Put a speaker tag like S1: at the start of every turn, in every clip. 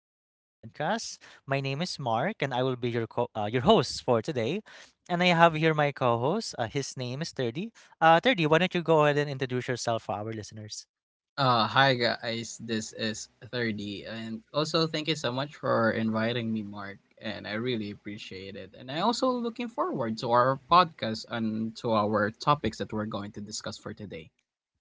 S1: awesome podcast. My name is Mark, and I will be your your host for today. And I have here my co-host. His name is Thirty. Thirty, why don't you go ahead and introduce yourself for our listeners?
S2: Hi guys, this is 30 and also thank you so much for inviting me, Mark, and I really appreciate it. And I also looking forward to our podcast and to our topics that we're going to discuss for today.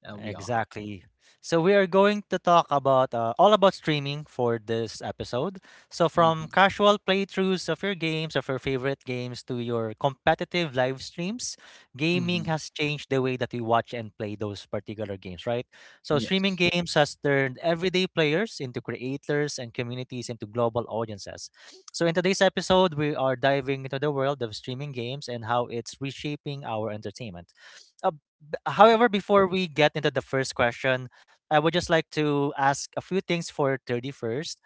S2: That'll be all.
S1: Exactly. So we are going to talk about all about streaming for this episode. So from
S2: Mhm.
S1: casual playthroughs of your games, of your favorite games, to your competitive live streams, gaming
S2: Mhm.
S1: has changed the way that we watch and play those particular games, right? So streaming
S2: Yes.
S1: games has turned everyday players into creators and communities into global audiences. So in today's episode, we are diving into the world of streaming games and how it's reshaping our entertainment. However, before we get into the first question, I would just like to ask a few things for 31st.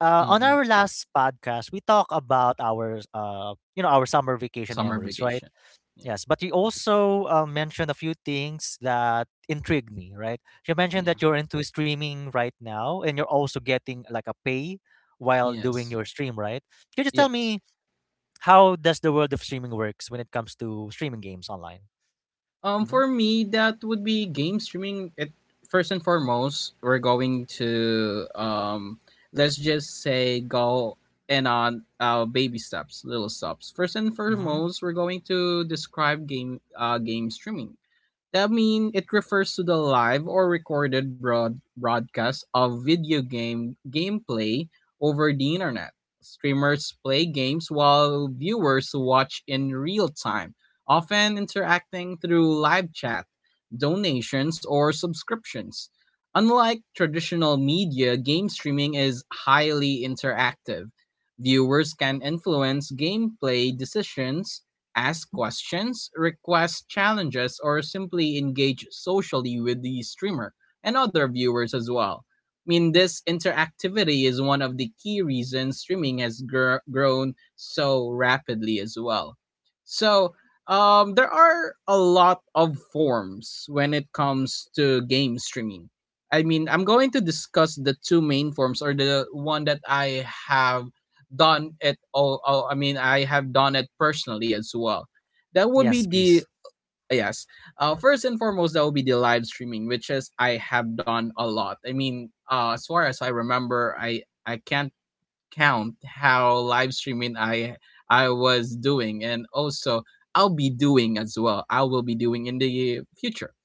S1: On
S2: Mhm.
S1: our last podcast, we talked about our our summer vacation
S2: Summer
S1: memories, right?
S2: vacation. Yeah.
S1: Yes, but you also mentioned a few things that intrigued me, right? You mentioned that
S2: Yeah.
S1: you're into streaming right now and you're also getting like a pay while doing
S2: Yes.
S1: your stream, right? Can you just tell
S2: Yes.
S1: me how does the world of streaming works when it comes to streaming games online?
S2: Um,
S1: Mm-hmm.
S2: for me, that would be game streaming. It first and foremost, we're going to let's just say go and on baby steps, little steps. First and
S1: Mm-hmm.
S2: foremost, we're going to describe game streaming. I mean, it refers to the live or recorded broadcast of video game gameplay over the internet. Streamers play games while viewers watch in real time, often interacting through live chat, donations, or subscriptions. Unlike traditional media, game streaming is highly interactive. Viewers can influence gameplay decisions, ask questions, request challenges, or simply engage socially with the streamer and other viewers as well. I mean, this interactivity is one of the key reasons streaming has grown so rapidly as well. So, there are a lot of forms when it comes to game streaming. I mean, I'm going to discuss the two main forms, or the one that I have done it all I mean I have done it personally as well. That would be
S1: Yes,
S2: the
S1: please.
S2: yes, first and foremost, that would be the live streaming, which is I have done a lot. I mean, as far as I remember, I can't count how live streaming I was doing, and also I'll be doing as well. I will be doing in the future.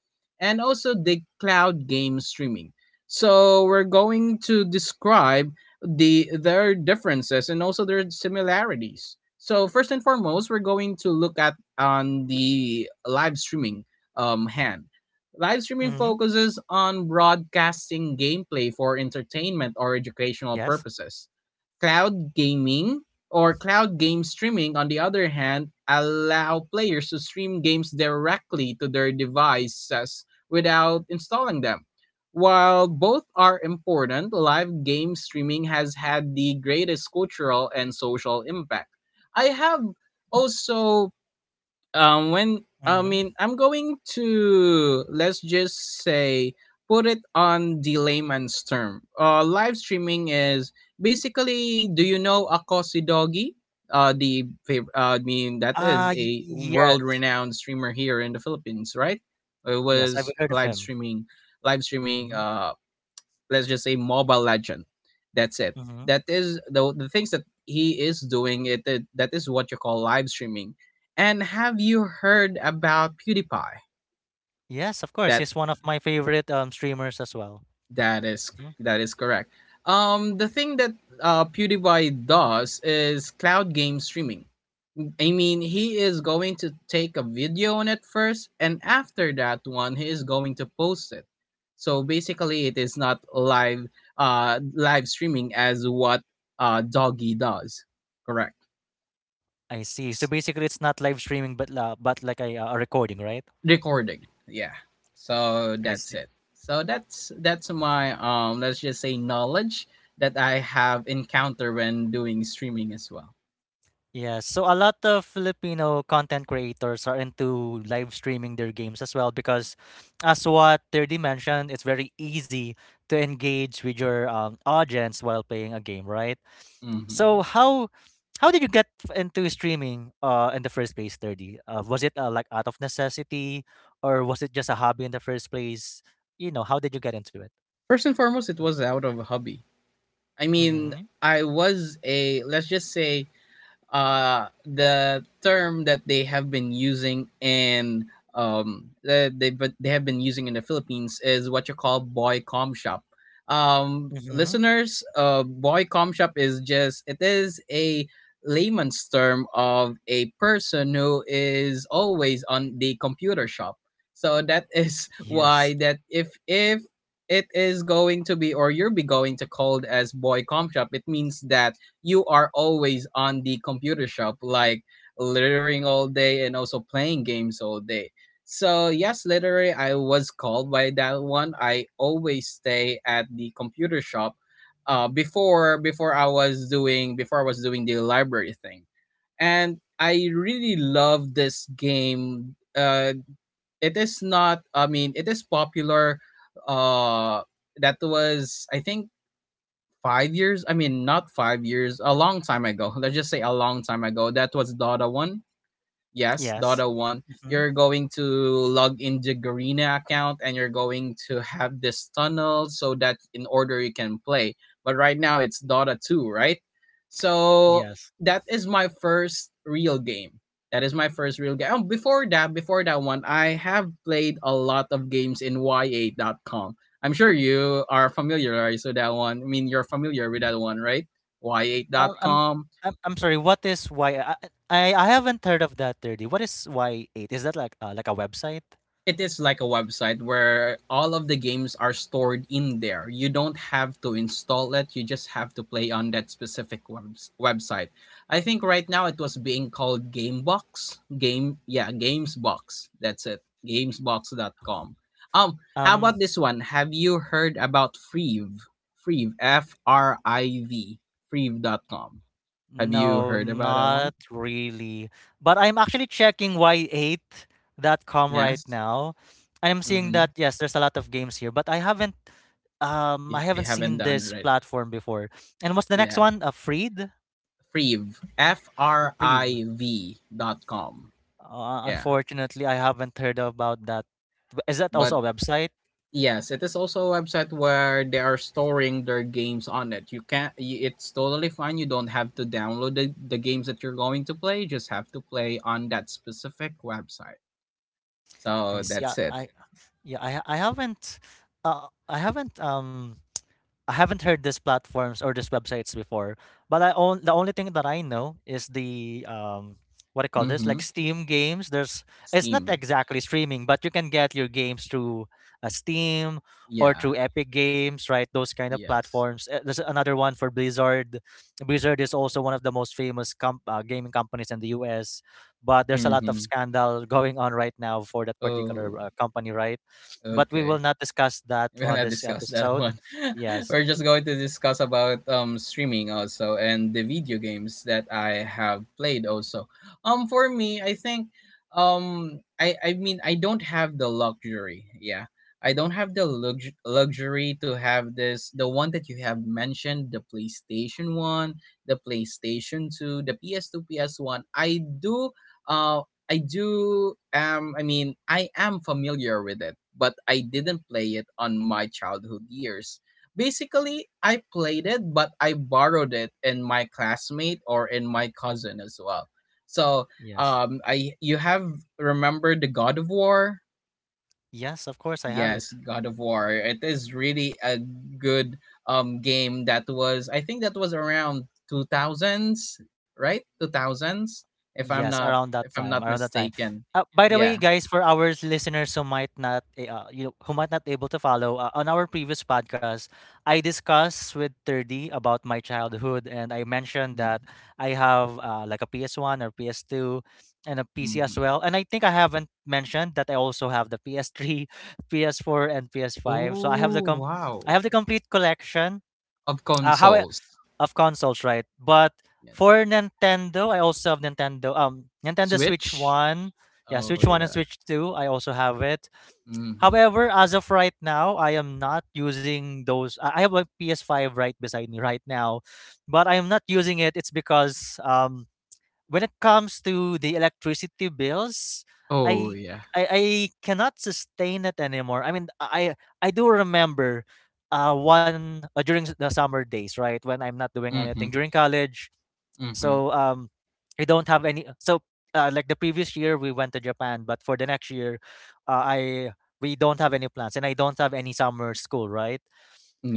S2: And also the cloud game streaming. So we're going to describe their differences and also their similarities. So first and foremost, we're going to look at on the live streaming hand. Live streaming
S1: Mhm.
S2: focuses on broadcasting gameplay for
S1: Yes.
S2: entertainment or educational purposes. Cloud gaming, or cloud game streaming, on the other hand, allow players to stream games directly to their devices without installing them. While both are important, live game streaming has had the greatest cultural and social impact. I have also when I
S1: Mhm.
S2: mean I'm going to, let's just say, put it on the layman's term. Live streaming is basically, do you know Akosi Doggy? Uh the fav- uh, i mean that is
S1: Ah, y
S2: a world
S1: yes.
S2: renowned streamer here in the Philippines, right? It
S1: Yes, I've
S2: was
S1: heard of
S2: live
S1: him.
S2: streaming. live streaming
S1: Mhm,
S2: uh let's just say Mobile Legend. That's it.
S1: mhm.
S2: That is the things that he is doing. That is what you call live streaming. And have you heard about PewDiePie?
S1: Yes, of course.
S2: that
S1: He's one of my favorite, streamers as well.
S2: that is
S1: Mhm.
S2: that is correct. The thing that PewDiePie does is cloud game streaming. I mean, he is going to take a video on it first, and after that one, he is going to post it. So basically, it is not live, live streaming as what Doggy does. Correct.
S1: I see. So
S2: S-
S1: basically, it's not live streaming, but la but like a recording, right?
S2: Recording. Yeah. So
S1: I
S2: that's
S1: see.
S2: it. So that's my, let's just say, knowledge that I have encountered when doing streaming as well.
S1: Yeah, so a lot of Filipino content creators are into live streaming their games as well because, as what Thirdy mentioned, it's very easy to engage with your audience while playing a game, right? So
S2: hmm
S1: how did you get into streaming in the first place, Thirdy? Was it like out of necessity, or was it just a hobby in the first place? You know, how did you get into it?
S2: First and foremost, it was out of a hobby. I mean,
S1: Mm-hmm.
S2: I was a, let's just say, the term that they have been using in, that they but they have been using in the Philippines is what you call boy com shop.
S1: Mm-hmm.
S2: Listeners, boy com shop is just, it is a layman's term of a person who is always on the computer shop. So that is
S1: Yes.
S2: why that if it is going to be, or you'll be going to called as boy com shop, it means that you are always on the computer shop, like littering all day and also playing games all day. So yes, literally, I was called by that one. I always stay at the computer shop. Before I was doing the library thing, and I really love this game. It is not. I mean, it is popular. Uh, that was, I think, 5 years. I mean, not 5 years, a long time ago. Let's just say a long time ago. That was Dota 1. Yes,
S1: Yes.
S2: Dota 1.
S1: Mm-hmm.
S2: You're going to log in the Garena account and you're going to have this tunnel so that in order you can play. But right now it's Dota 2, right? So
S1: Yes.
S2: that is my first real game. That is my first real game. Oh, before that one, I have played a lot of games in y8.com. I'm sure you are familiarized with that one. I mean, you're familiar with that one, right?
S1: Um, I'm
S2: y8.com.
S1: I'm sorry. What is yiii haven't heard of that thirty. What is Y eight? Is that like a website?
S2: It is like a website where all of the games are stored in there. You don't have to install it, you just have to play on that specific website. I think right now it was being called Gamebox. Gamesbox. That's it. Gamesbox.com. How
S1: Um,
S2: about this one? Have you heard about Freeve? Freeve, FRIV. Freeve.com. Have you
S1: no,
S2: heard about that one?
S1: not really. But I'm actually checking y8.com right
S2: Yes.
S1: now. I'm seeing
S2: Mhm.
S1: that yes, there's a lot of games here, but I
S2: You,
S1: haven't
S2: you
S1: seen
S2: haven't done,
S1: this
S2: right.
S1: platform before. And what's the next
S2: Yeah.
S1: one? A Freed?
S2: Friv, F R
S1: Freed.
S2: I V.com.
S1: Uh,
S2: Yeah.
S1: unfortunately, I haven't heard about that. Is that
S2: But
S1: also a website?
S2: yes, it is also a website where they are storing their games on it. You can't, y- It's totally fine. You don't have to download the games that you're going to play. You just have to play on that specific website.
S1: I
S2: So
S1: see. I,
S2: that's it.
S1: I yeah, uh I haven't um I haven't heard these platforms or these websites before, but I own the only thing that I know is the what do you call this?
S2: Mm-hmm.
S1: Like Steam games. There's it's not
S2: Steam.
S1: exactly streaming, but you can get your games through Steam or through
S2: Yeah.
S1: Epic Games, right? Those kind of
S2: Yes.
S1: platforms. There's another one for Blizzard. Blizzard is also one of the most famous gaming companies in the U.S., but there's a lot of
S2: Mm-hmm.
S1: scandal going on right now for that particular
S2: Oh,
S1: company, right? But we will
S2: okay.
S1: not discuss that
S2: We're
S1: on
S2: gonna
S1: this
S2: discuss that
S1: episode.
S2: one.
S1: Yes.
S2: We're just going to discuss about streaming also and the video games that I have played also. For me, I think, I mean, I don't have the luxury. Yeah. I don't have the luxury to have this, the one that you have mentioned, the PlayStation 1, the PlayStation 2, the PS2, PS1. Uh, I do am I mean I am familiar with it, but I didn't play it on my childhood years. Basically, I played it, but I borrowed it in my classmate or in my cousin as well. So,
S1: Yes.
S2: I you have remembered the God of War?
S1: Yes, of course I have
S2: Yes,
S1: it.
S2: God of War. It is really a good game. That was, I think, that was around 2000s, right? 2000s, if I'm
S1: Yes,
S2: not,
S1: around
S2: if
S1: that
S2: I'm not
S1: time, around that time.
S2: mistaken.
S1: By the
S2: Yeah.
S1: way, guys, for our listeners who might not able to follow, on our previous podcast, I discussed with 30 about my childhood, and I mentioned
S2: Mm.
S1: that I have like a PS1 or PS2 and a PC as
S2: Mhm.
S1: well. And I think I haven't mentioned that I also have the PS3, PS4, and PS5. So I have the
S2: Oh, wow.
S1: complete collection.
S2: Of
S1: How
S2: consoles.
S1: of consoles, right? But
S2: Yes.
S1: for Nintendo, I also have Nintendo Switch
S2: Switch?
S1: 1. Yeah,
S2: Oh,
S1: Switch 1 and
S2: yeah.
S1: Switch 2, I also have it.
S2: Mm-hmm.
S1: However, as of right now, I am not using those. I have a PS5 right beside me right now, but I am not using it. It's because when it comes to the electricity bills,
S2: Oh,
S1: I
S2: yeah.
S1: I cannot sustain it anymore. I mean, I do remember one during the summer days, right, when I'm not doing
S2: Mm-hmm.
S1: anything during college.
S2: Mm-hmm.
S1: So I don't have any. So like the previous year we went to Japan, but for the next year I we don't have any plans and I don't have any summer school, right?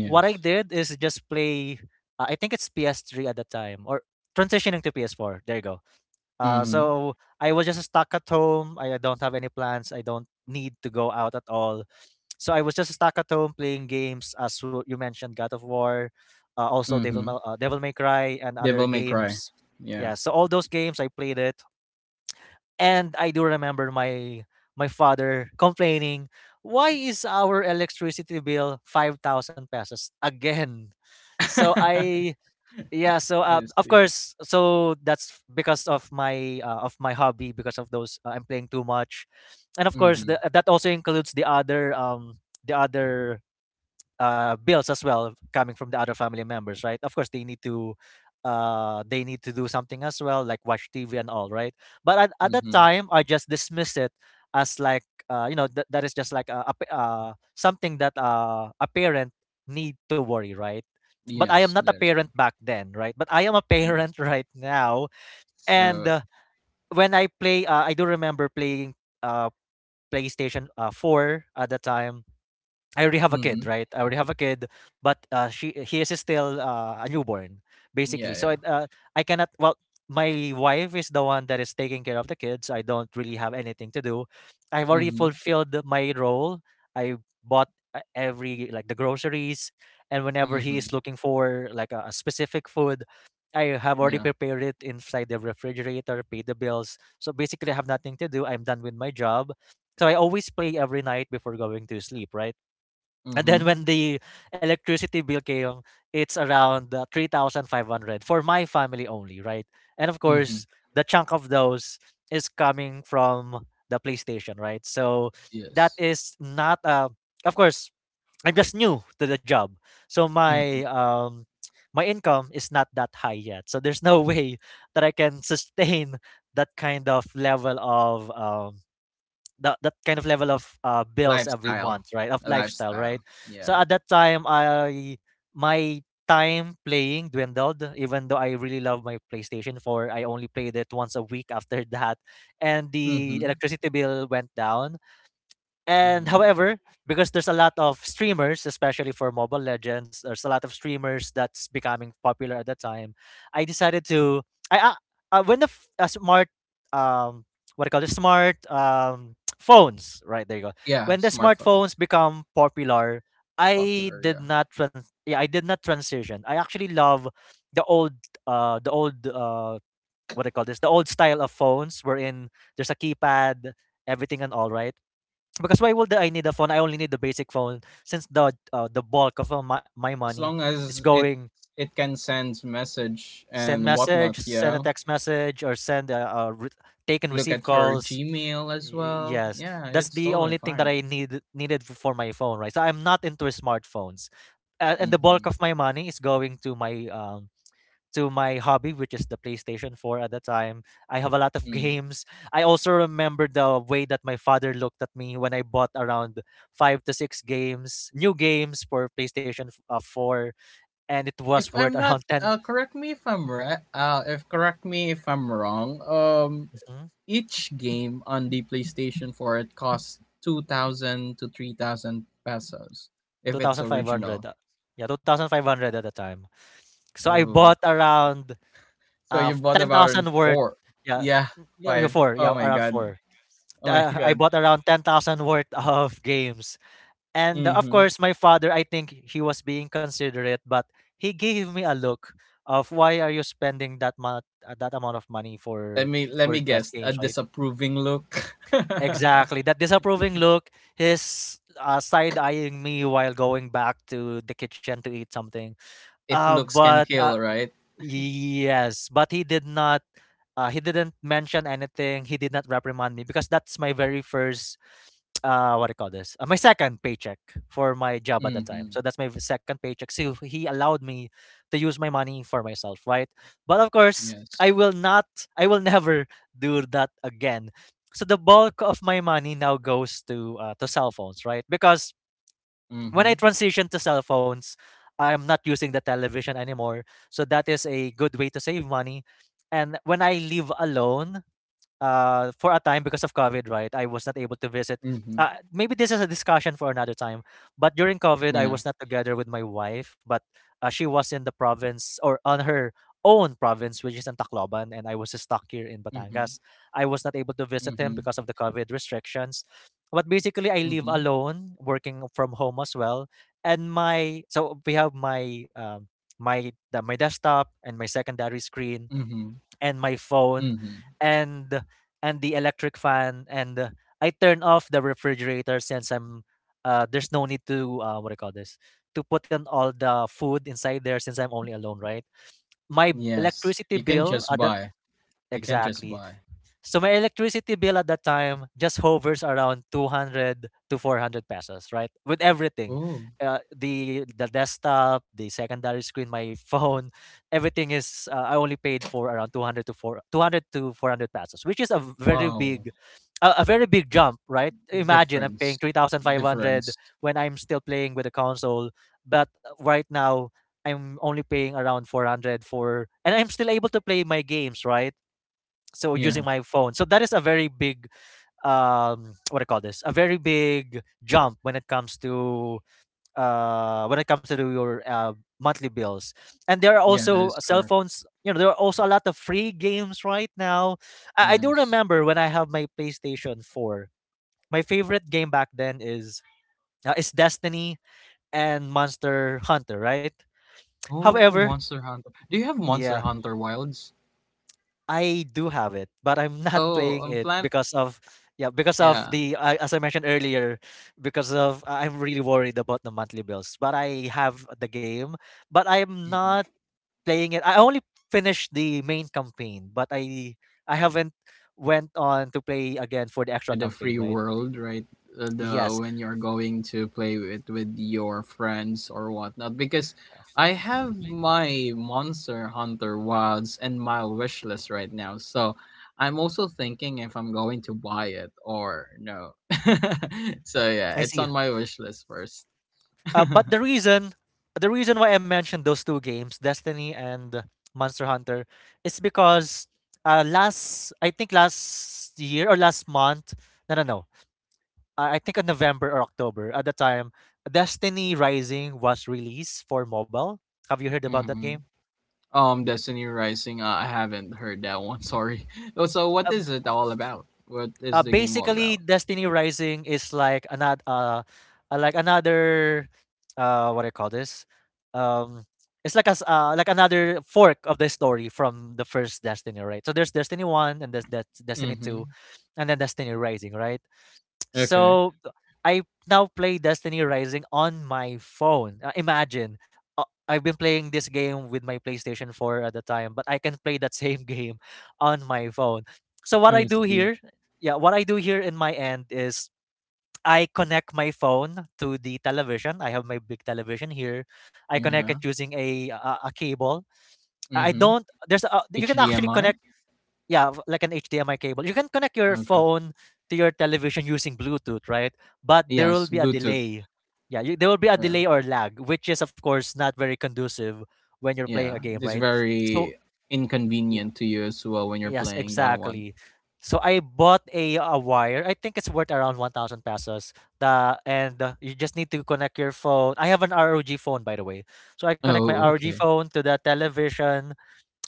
S1: What I did is just play I think it's PS3 at the time or transitioning to PS4. There you go. uh,
S2: Mm-hmm.
S1: so I was just stuck at home. I don't have any plans. I don't need to go out at all. So I was just stuck at home playing games, as you mentioned, God of War, also
S2: Mm-hmm.
S1: Devil May Cry, and other
S2: Devil May Cry.
S1: games.
S2: Yeah.
S1: Yeah, so all those games I played it, and I do remember my father complaining, "Why is our electricity bill 5,000 pesos again?" So
S2: I
S1: I yeah, so of
S2: see.
S1: course, so that's because of my hobby, because of those I'm playing too much, and of course
S2: Mm-hmm.
S1: that also includes the other the other bills as well coming from the other family members, right? Of course, they need to do something as well, like watch TV and all, right? But at that
S2: Mm-hmm.
S1: time, I just dismiss it as like that is just like a something that a parent need to worry, right? But I am
S2: Yes,
S1: not a
S2: that is.
S1: parent back then, right? But I am a
S2: Yes.
S1: parent right now, and
S2: So,
S1: when I do remember playing uh, PlayStation Four at the time. I already have a kid,
S2: mm-hmm.
S1: right? I already have a kid, but she he is still a newborn, basically.
S2: Yeah,
S1: So
S2: yeah.
S1: I cannot. Well, my wife is the one that is taking care of the kids. I don't really have anything to do. I've already
S2: Mm-hmm.
S1: fulfilled my role. I bought every like the groceries, and whenever he is
S2: Mm-hmm.
S1: looking for like a specific food, I have already
S2: Yeah.
S1: prepared it inside the refrigerator, pay the bills. So basically, I have nothing to do. I'm done with my job. So I always play every night before going to sleep, right? And then
S2: Mm-hmm.
S1: when the electricity bill came, it's around 3,500 for my family only, right? And of course,
S2: Mm-hmm.
S1: the chunk of those is coming from the PlayStation, right? So that
S2: Yes.
S1: is not. Of course, I'm just new to the job. So
S2: Mm-hmm.
S1: my income is not that high yet. So there's no way that I can sustain that kind of level of um that kind of level of bills every
S2: Lifestyle.
S1: month, right? Of
S2: A
S1: lifestyle, right?
S2: lifestyle.
S1: So
S2: Yeah.
S1: at that time, I my time playing dwindled, even though I really love my PlayStation 4. I only played it once a week after that, and the
S2: Mm-hmm.
S1: electricity bill went down. And
S2: Mm-hmm.
S1: however, because there's a lot of streamers, especially for Mobile Legends, there's a lot of streamers that's becoming popular at that time. I decided to I when the smart um what do you call it, smart phones, right, there you go,
S2: Yeah,
S1: when the
S2: smartphones.
S1: smartphones become popular, I
S2: Popular,
S1: did
S2: yeah.
S1: not trans yeah, I did not transition. I actually love the old the old what do you call this, the old style of phones, wherein there's a keypad, everything and all, right? Because why would I need a phone? I only need the basic phone since the bulk of my
S2: As
S1: money
S2: long
S1: is
S2: as it
S1: going.
S2: it can send message
S1: Send
S2: and whatnot.
S1: message, send a
S2: Yeah,
S1: text message, or send take and
S2: look
S1: receive
S2: at your
S1: calls.
S2: Gmail as
S1: Y-
S2: well.
S1: Yes,
S2: Yeah,
S1: that's
S2: it's
S1: the
S2: totally
S1: only thing that
S2: fine.
S1: I needed for my phone, right? So I'm not into smartphones, and the bulk of
S2: Hmm.
S1: my money is going to my hobby, which is the PlayStation 4 at the time. I have a lot of
S2: Mm.
S1: games. I also remember the way that my father looked at me when I bought around five to six games, new games for PlayStation 4, and it was
S2: If I'm
S1: worth
S2: not,
S1: around 10,
S2: correct me if I'm right. If correct me if I'm wrong.
S1: Mhm.
S2: Each game on the PlayStation Four, it costs 2,000 to 3,000 pesos if it's
S1: 2,500.
S2: original.
S1: Yeah, 2,500 at the time. So I
S2: Oh,
S1: bought around
S2: so
S1: uh,
S2: you bought about
S1: 10,000 worth.
S2: four.
S1: Yeah,
S2: Yeah,
S1: no, you
S2: five.
S1: four. Yeah,
S2: Oh my
S1: around
S2: god.
S1: four.
S2: Oh my
S1: I
S2: god.
S1: bought around 10,000 worth of games. And of
S2: Mm-hmm.
S1: course, my father, I think he was being considerate, but he gave me a look of why are you spending that amount of money for
S2: Let me
S1: just
S2: guess. A
S1: games, right?
S2: disapproving look.
S1: Exactly. That disapproving look, his side eyeing me while going back to the kitchen to eat something.
S2: If looks can
S1: But
S2: kill, right?
S1: Yes, but he did not he didn't mention anything. He did not reprimand me because that's my very first what do you call this? My second paycheck for my job at the
S2: Mm-hmm.
S1: time. So that's my second paycheck. So he allowed me to use my money for myself, right? But of course,
S2: Yes.
S1: I will never do that again. So the bulk of my money now goes to cell phones, right? Because
S2: Mm-hmm.
S1: when I transition to cell phones, I'm not using the television anymore. So that is a good way to save money. And when I live alone, for a time because of COVID, right? I was not able to
S2: Mm-hmm.
S1: visit. Maybe this is a discussion for another time. But during
S2: Yeah.
S1: COVID, I was not together with my wife, but she was in the province or on her own province, which is in Tacloban, and I was stuck here in
S2: Mm-hmm.
S1: Batangas. I was not able to
S2: Mm-hmm.
S1: visit him because of the COVID restrictions. But basically,
S2: Mm-hmm.
S1: I live alone, working from home as well. And my so we have my my desktop and my secondary screen
S2: Mm-hmm.
S1: and my phone
S2: Mm-hmm.
S1: and the electric fan and I turn off the refrigerator since I'm there's no need to what do you call this to put in all the food inside there since I'm only alone, right? My b-
S2: Yes. You can
S1: electricity
S2: just
S1: bill
S2: buy.
S1: that
S2: You can just buy.
S1: exactly so my electricity bill at that time just hovers around 200 to 400 pesos, right? With everything.
S2: Oh.
S1: The desktop, the secondary screen, my phone, everything is I only paid for around 200 to 400 pesos, which is a very
S2: Wow.
S1: big a very big jump, right? Imagine I'm
S2: Difference.
S1: paying
S2: Difference.
S1: 3,500 when I'm still playing with the console, but right now I'm only paying around 400 for and I'm still able to play my games, right? So
S2: Yeah.
S1: using my phone, so that is a very big what do you call this a very big jump when it comes to your monthly bills. And there are
S2: Yeah, that is
S1: also cell
S2: correct.
S1: phones, you know, there are also a lot of free games right now. I do
S2: Yes.
S1: remember when I have my PlayStation 4. My favorite game back then is Destiny and Monster Hunter, right?
S2: Oh,
S1: However,
S2: Monster Hunter. Do you have Monster
S1: yeah,
S2: Hunter Wilds?
S1: I do have it, but I'm not
S2: Oh,
S1: playing
S2: I'm
S1: it
S2: plan
S1: because of, yeah, because of
S2: Yeah,
S1: the as I mentioned earlier, because of I'm really worried about the monthly bills. But I have the game, but I'm
S2: mhm.
S1: not playing it. I only finished the main campaign, but I haven't went on to play again for the extra
S2: To the
S1: campaign,
S2: free
S1: right?
S2: world, right? The
S1: Yes.
S2: when you're going to play it with your friends or whatnot. Because I have my Monster Hunter Wilds and my wish list right now, so I'm also thinking if I'm going to buy it or no. So yeah,
S1: I
S2: it's
S1: see.
S2: on my wish list 1st.
S1: But the reason why I mentioned those two games, Destiny and Monster Hunter, is because last I think last year or last month, no no no, I think in November or October at the time, Destiny Rising was released for mobile. Have you heard about that
S2: hmm
S1: game?
S2: Destiny Rising. I haven't heard that one. Sorry. Oh, so what
S1: Uh,
S2: is it all about? What is the game all
S1: basically
S2: about?
S1: Destiny Rising is like another what do I call this um it's like a like another fork of the story from the first Destiny, right? So there's Destiny one and there's that Destiny two
S2: Mm-hmm.
S1: and then Destiny Rising, right?
S2: Okay.
S1: So I now play Destiny Rising on my phone. Imagine. Uh, I've been playing this game with my PlayStation 4 at the time, but I can play that same game on my phone. So what I
S2: I
S1: do
S2: see.
S1: here, yeah, what I do here in my end is I connect my phone to the television. I have my big television here. I connect it
S2: Yeah.
S1: using a cable. I
S2: Mm-hmm.
S1: don't there's you can actually
S2: HDMI.
S1: connect, yeah, like an HDMI cable. You can connect your
S2: Okay.
S1: phone to your television using Bluetooth, right? But there will
S2: Yes,
S1: be a
S2: Bluetooth.
S1: delay. Yeah, there will be a
S2: Yeah.
S1: delay or lag, which is of course not very conducive when you're playing a
S2: Yeah.
S1: game,
S2: It's
S1: right? So,
S2: very
S1: yeah,
S2: inconvenient to you as well when you're
S1: yes,
S2: playing that one.
S1: exactly. So I bought a wire. I think it's worth around 1,000 pesos. The and you just need to connect your phone. I have an ROG phone, by the way. So I connect my
S2: Oh,
S1: ROG
S2: okay.
S1: phone to the television,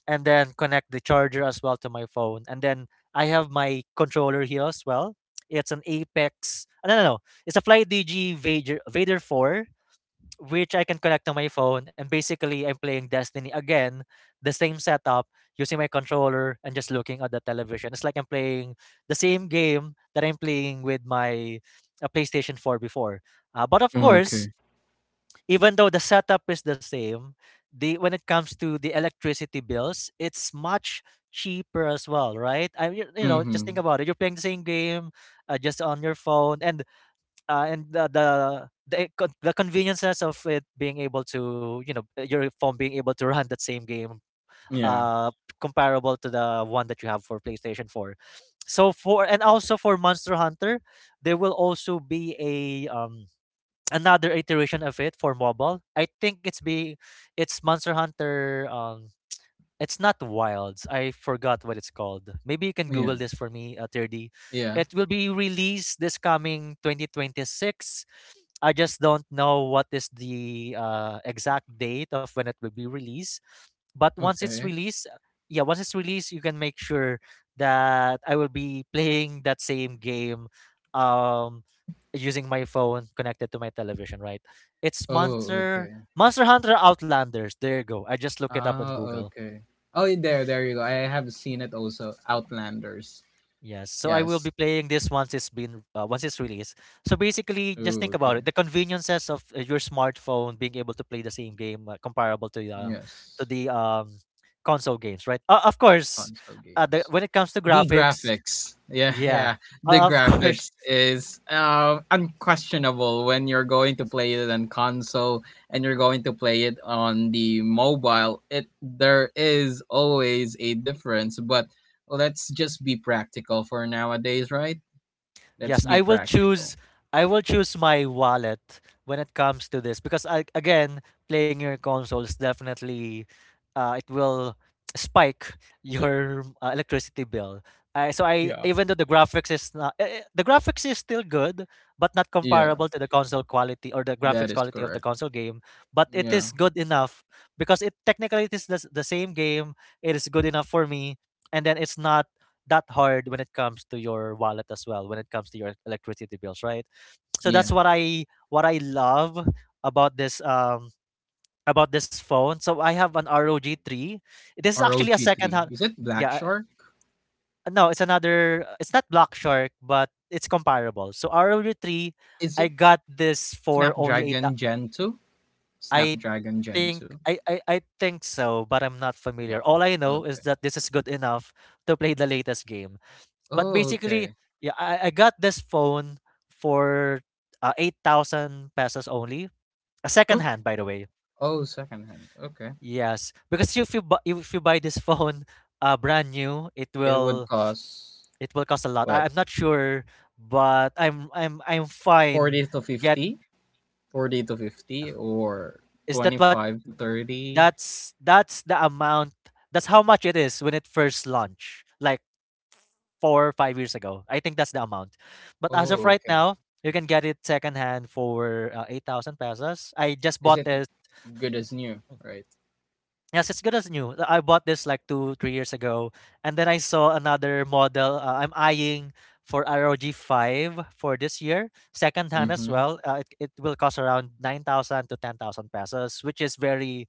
S1: and then connect the charger as well to my phone. And then I have my controller here as well. It's an Apex. No, no, no. It's a Flight DG Vader 4, which I can connect to my phone. And basically, I'm playing Destiny again, the same setup, using my controller and just looking at the television. It's like I'm playing the same game that I'm playing with my PlayStation 4 before. But of course,
S2: Okay.
S1: even though the setup is the same, the when it comes to the electricity bills, it's much cheaper as well, right? I You, you know, just
S2: Mm-hmm.
S1: think about it. You're playing the same game, just on your phone, and uh, and the the the conveniences of it being able to, you know, your phone being able to run that same game,
S2: Yeah.
S1: uh, comparable to the one that you have for PlayStation Four. So for, and also for Monster Hunter, there will also be a another iteration of it for mobile. I think it's be it's Monster Hunter, it's not Wilds. I forgot what it's called. Maybe you can Google
S2: Yeah.
S1: this for me, 30.
S2: Yeah.
S1: It will be released this coming 2026. I just don't know what is the exact date of when it will be released. But once it's
S2: Okay.
S1: released, yeah, once it's released, you can make sure that I will be playing that same game, um, using my phone connected to my television, right? It's
S2: Oh, okay.
S1: Monster Hunter Outlanders. There you go. I just look it up on
S2: Ah,
S1: Google.
S2: okay. Oh, there you go. I have seen it also. Outlanders.
S1: Yes, so I will be
S2: Yes.
S1: playing this once it's been once it's released. So basically, just
S2: Ooh,
S1: think about it:
S2: okay.
S1: the conveniences of your smartphone being able to play the same game, comparable to the to
S2: Yes.
S1: the um, console games, right? Of course,
S2: Console games.
S1: when it comes to
S2: The
S1: graphics,
S2: graphics. Yeah,
S1: yeah,
S2: yeah. The
S1: of
S2: graphics
S1: course,
S2: is unquestionable when you're going to play it on console and you're going to play it on the mobile. It there is always a difference, but let's just be practical for nowadays, right? Let's
S1: Yes,
S2: be
S1: I will
S2: practical.
S1: choose I will choose my wallet when it comes to this because I, again, playing your consoles definitely it will spike your electricity bill. So I
S2: Yeah.
S1: even though the graphics is not the graphics is still good, but not
S2: Yeah,
S1: comparable to the console quality or the
S2: that
S1: graphics
S2: is
S1: quality of the
S2: correct.
S1: console game. But it
S2: Yeah.
S1: is good enough because it technically it is the same game. It is good enough for me, and then it's not that hard when it comes to your wallet as well when it comes to your electricity bills, right? So that's
S2: Yeah.
S1: what I love about this um about this phone. So I have an ROG 3. This is actually a second
S2: ROG3.
S1: hand.
S2: Is it Black
S1: Yeah,
S2: Shark?
S1: no, it's another, it's not Black Shark, but it's comparable. So ROG 3,
S2: Is
S1: I
S2: it
S1: got this for only
S2: Snapdragon Gen 2?
S1: i
S2: Snapdragon Gen 2.
S1: I think so, but I'm not familiar.
S2: Yeah.
S1: All I know
S2: Okay.
S1: is that this is good enough to play the latest game. But
S2: Oh,
S1: basically,
S2: okay.
S1: yeah, I got this phone for 8,000 pesos only. A second
S2: Oh,
S1: hand, by the way.
S2: oh, second hand. Okay.
S1: Yes, because if you buy this phone brand new,
S2: It would cost
S1: it will cost a lot.
S2: what?
S1: I'm not sure, but I'm fine.
S2: 40 to
S1: Yet
S2: 50? 40 to 50 or
S1: is that what
S2: 25 to
S1: th-
S2: 30?
S1: that's the amount, that's how much it is when it first launched. Like 4 or 5 years ago. I think that's the amount. But as of
S2: Oh,
S1: right
S2: okay.
S1: now, you can get it secondhand for 8,000 pesos. I just
S2: Is
S1: bought
S2: it
S1: this.
S2: good as new, right?
S1: Yes, it's good as new. I bought this like 2, 3 years ago, and then I saw another model. I'm eyeing for ROG five for this year, secondhand as
S2: Mhm.
S1: well. It will cost around 9,000 to 10,000 pesos, which is very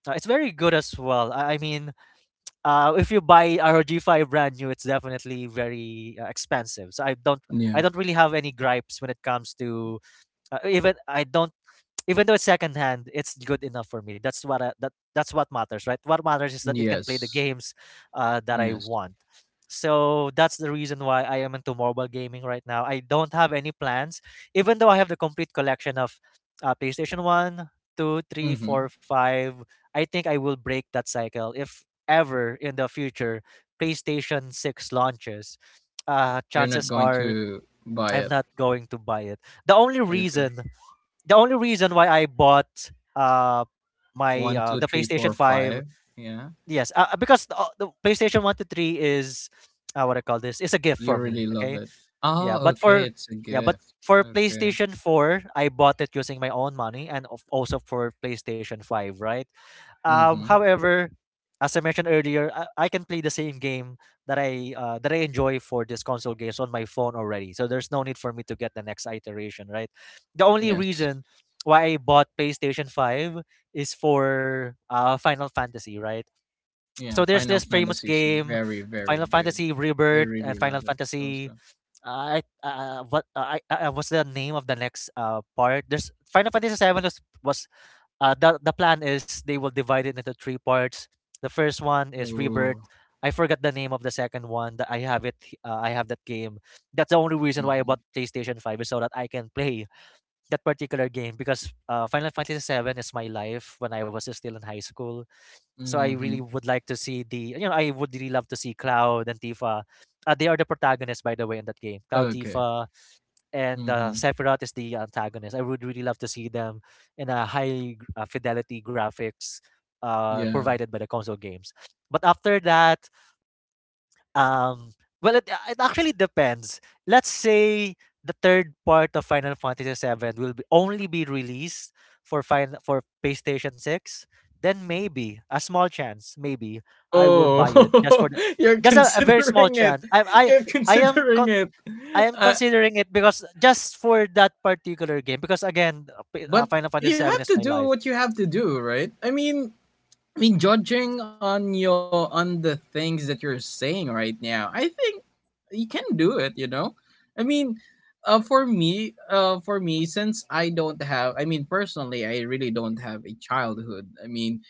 S1: it's very good as well. I mean, if you buy ROG Five brand new, it's definitely very expensive. So I
S2: Yeah.
S1: don't really have any gripes when it comes to even I don't even though it's secondhand, it's good enough for me. That's what I, that that's what matters, right? What matters is that it can play the
S2: Yes.
S1: games that I
S2: Yes.
S1: want. So that's the reason why I am into mobile gaming right now. I don't have any plans, even though I have the complete collection of PlayStation One, Two, Three,
S2: Mhm.
S1: Four, Five. I think I will break that cycle if ever in the future PlayStation 6 launches. Uh,
S2: You're not
S1: chances
S2: going
S1: are
S2: to buy
S1: I'm
S2: it.
S1: not going to buy it. The only
S2: Okay.
S1: reason the only reason why I bought my
S2: One, two,
S1: the
S2: three,
S1: PlayStation
S2: four,
S1: 5,
S2: five. Yeah.
S1: yes, because the PlayStation 1 to 3 is, what I call this, it's a gift
S2: You
S1: for me.
S2: really love
S1: Okay,
S2: it.
S1: yeah,
S2: Oh,
S1: but
S2: okay,
S1: for
S2: it's a
S1: yeah but
S2: gift.
S1: for
S2: Okay.
S1: PlayStation 4 I bought it using my own money, also for PlayStation 5, right? um,
S2: Mm-hmm.
S1: however, as I mentioned earlier, I can play the same game that I enjoy for these console games on my phone already. So there's no need for me to get the next iteration, right? The only
S2: Yes.
S1: reason why I bought PlayStation Five is for Final Fantasy, right?
S2: Yeah,
S1: So there's
S2: Final
S1: this famous
S2: Fantasy is
S1: game,
S2: very, very
S1: Final
S2: good.
S1: Fantasy
S2: I
S1: Rebirth and
S2: really
S1: Final
S2: love it
S1: Fantasy.
S2: also.
S1: I what I What's the name of the next part? There's Final Fantasy Seven. Was was uh, the the plan is they will divide it into three parts. The first one is Rebirth.
S2: Oh.
S1: I forgot the name of the second one. That I have it. I have that game. That's the only reason why I
S2: Mm-hmm.
S1: bought PlayStation Five, is so that I can play that particular game, because Final Fantasy Seven is my life when I was still in high school. So I really
S2: Mm-hmm.
S1: would like to see the. You know, I would really love to see Cloud and Tifa. They are the protagonists, by the way, in that game. Cloud,
S2: Okay.
S1: Tifa, and
S2: Mm-hmm.
S1: Sephiroth is the antagonist. I would really love to see them in a high fidelity graphics
S2: Yeah.
S1: provided by the console games. But after that, um, well, it actually depends. Let's say the third part of Final Fantasy VII will be, only be released for for PlayStation Six. Then maybe a small chance, maybe I will buy it just for
S2: Oh, you're
S1: just a very small
S2: considering it.
S1: chance.
S2: You're
S1: I am
S2: considering
S1: con-
S2: it.
S1: I am
S2: Uh,
S1: considering it, because just for that particular game, because again,
S2: but
S1: Final Fantasy
S2: you
S1: VII
S2: have
S1: is
S2: to
S1: my
S2: do
S1: life.
S2: what you have to do, right? I mean, judging on your on the things that you're saying right now, I think you can do it. You know, I mean, for me, since I don't have. Personally, I really don't have a childhood. I mean,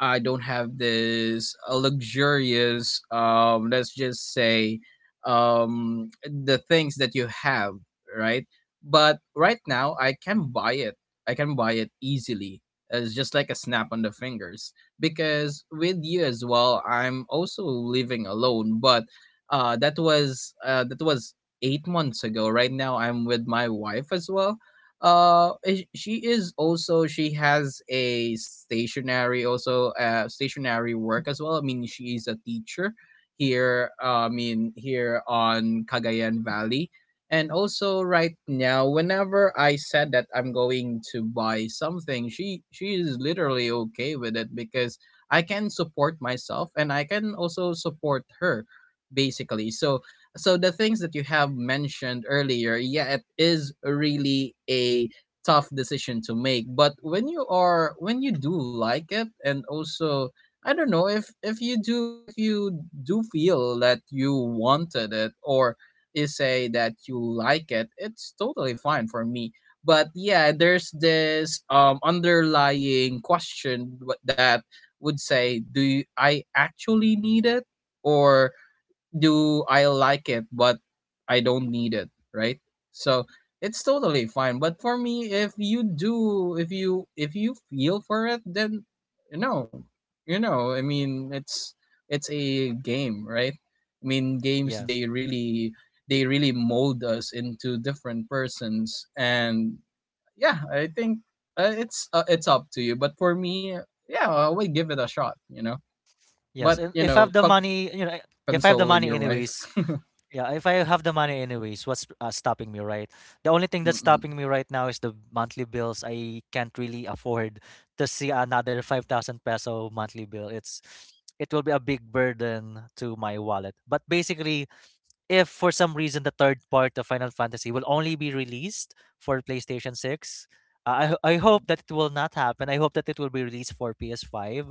S2: I don't have this luxurious, let's just say, the things that you have, right? But right now, I can buy it. I can buy it easily. It's just like a snap on the fingers. Because with you as well, I'm also living alone. But that was 8 months ago. Right now, I'm with my wife as well. She is also she has a stationary also stationary work as well. I mean, she's a teacher here. Here on Cagayan Valley. And also right now, whenever I said that I'm going to buy something, she is literally okay with it, because I can support myself and I can also support her, basically. So so the things that you have mentioned earlier, yeah, it is really a tough decision to make. But when you are when you do like it, and also I don't know if if you do feel that you wanted it, or you say that you like it, it's totally fine for me. But yeah, there's this underlying question that would say, do you, I actually need it? Or do I like it, but I don't need it, right? So it's totally fine. But for me, if you do, if you feel for it, then you know, you know. I mean, it's a game, right? I mean, games
S1: Yes,
S2: they really mold us into different persons, and yeah, I think it's up to you. But for me, yeah, I would give it a shot, you know.
S1: yes,
S2: But
S1: and
S2: you
S1: if I
S2: know,
S1: have the
S2: cut
S1: money, you know, if I have the
S2: console with
S1: money
S2: your wife.
S1: anyways, yeah, if I have the money anyways, what's stopping me, right? The only thing that's stopping me right now is the monthly bills. I can't really afford to see another 5,000 peso monthly bill. It's it will be a big burden to my wallet. But basically, if for some reason the third part of Final Fantasy will only be released for PlayStation 6, I hope that it will not happen. I hope that it will be released for PS5.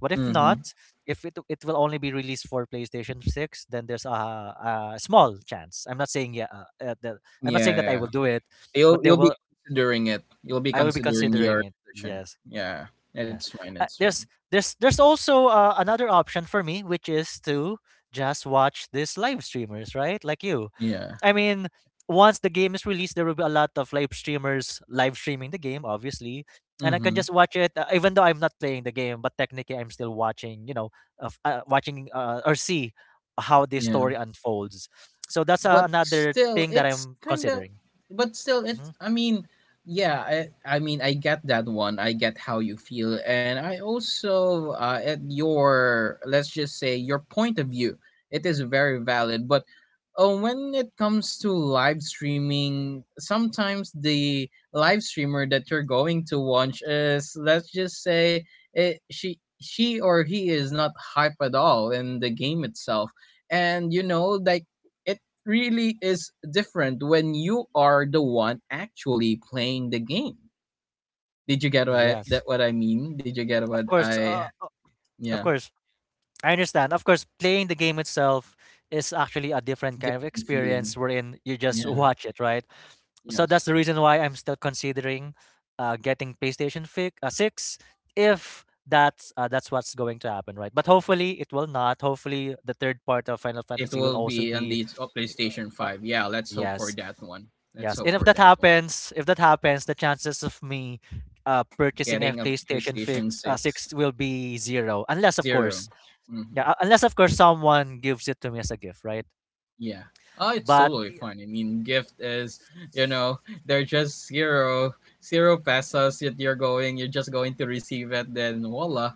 S1: But if
S2: Mhm.
S1: not, if it will only be released for PlayStation 6, then there's a small chance. I'm not saying I'm not
S2: Yeah,
S1: saying that I
S2: yeah.
S1: will do it,
S2: You'll
S1: but there
S2: be
S1: will,
S2: considering it. You'll be
S1: I will be
S2: considering
S1: considering
S2: your
S1: it.
S2: decision.
S1: Yes.
S2: Yeah. It's
S1: Yes.
S2: fine,
S1: Uh,
S2: it's fine.
S1: there's there's there's also another option for me, which is to just watch these live streamers, right? Like you.
S2: Yeah.
S1: I mean, once the game is released, there will be a lot of live streamers live streaming the game, obviously, and I can
S2: Mhm.
S1: just watch it, even though I'm not playing the game. But technically, I'm still watching, you know, of watching or see how this
S2: Yeah.
S1: story unfolds. So that's
S2: But
S1: another
S2: still,
S1: thing that
S2: it's
S1: I'm
S2: kind of
S1: considering.
S2: but still, it's
S1: Mhm.
S2: i mean yeah, I mean, I get that one. I get how you feel, and I also at your, let's just say, your point of view, it is very valid. But when it comes to live streaming, sometimes the live streamer that you're going to watch is, let's just say, she or he is not hype at all in the game itself. And you know, like it really is different when you are the one actually playing the game. Did you get what that
S1: Yes,
S2: what I mean? Did you get what
S1: of course.
S2: I
S1: Of
S2: yeah,
S1: course. I understand. Of course, playing the game itself is actually a different kind of
S2: different feeling.
S1: experience wherein you just
S2: Yeah,
S1: watch it, right? So that's
S2: yes.
S1: the reason why I'm still considering getting PlayStation 6 if that's what's going to happen, right? But hopefully it will not. Hopefully the third part of Final
S2: It
S1: Fantasy will
S2: will
S1: also
S2: be on
S1: be.
S2: the PlayStation
S1: uh, uh,
S2: 5. Yeah, let's hope for
S1: yes,
S2: that one. Let's
S1: yes. And
S2: hope for that one.
S1: if that happens, the chances of me purchasing a
S2: Getting a
S1: PlayStation
S2: PlayStation
S1: fix, uh, 6
S2: 6.
S1: will be zero. Unless, of
S2: 0.
S1: course, yeah,
S2: Mhm.
S1: unless of course someone gives it to me as a gift, right?
S2: Yeah. Oh, it's
S1: But
S2: totally
S1: y-
S2: fine. I mean, gift is, you know, they're just zero, zero pesos that you're you're just going to receive it. Then voila,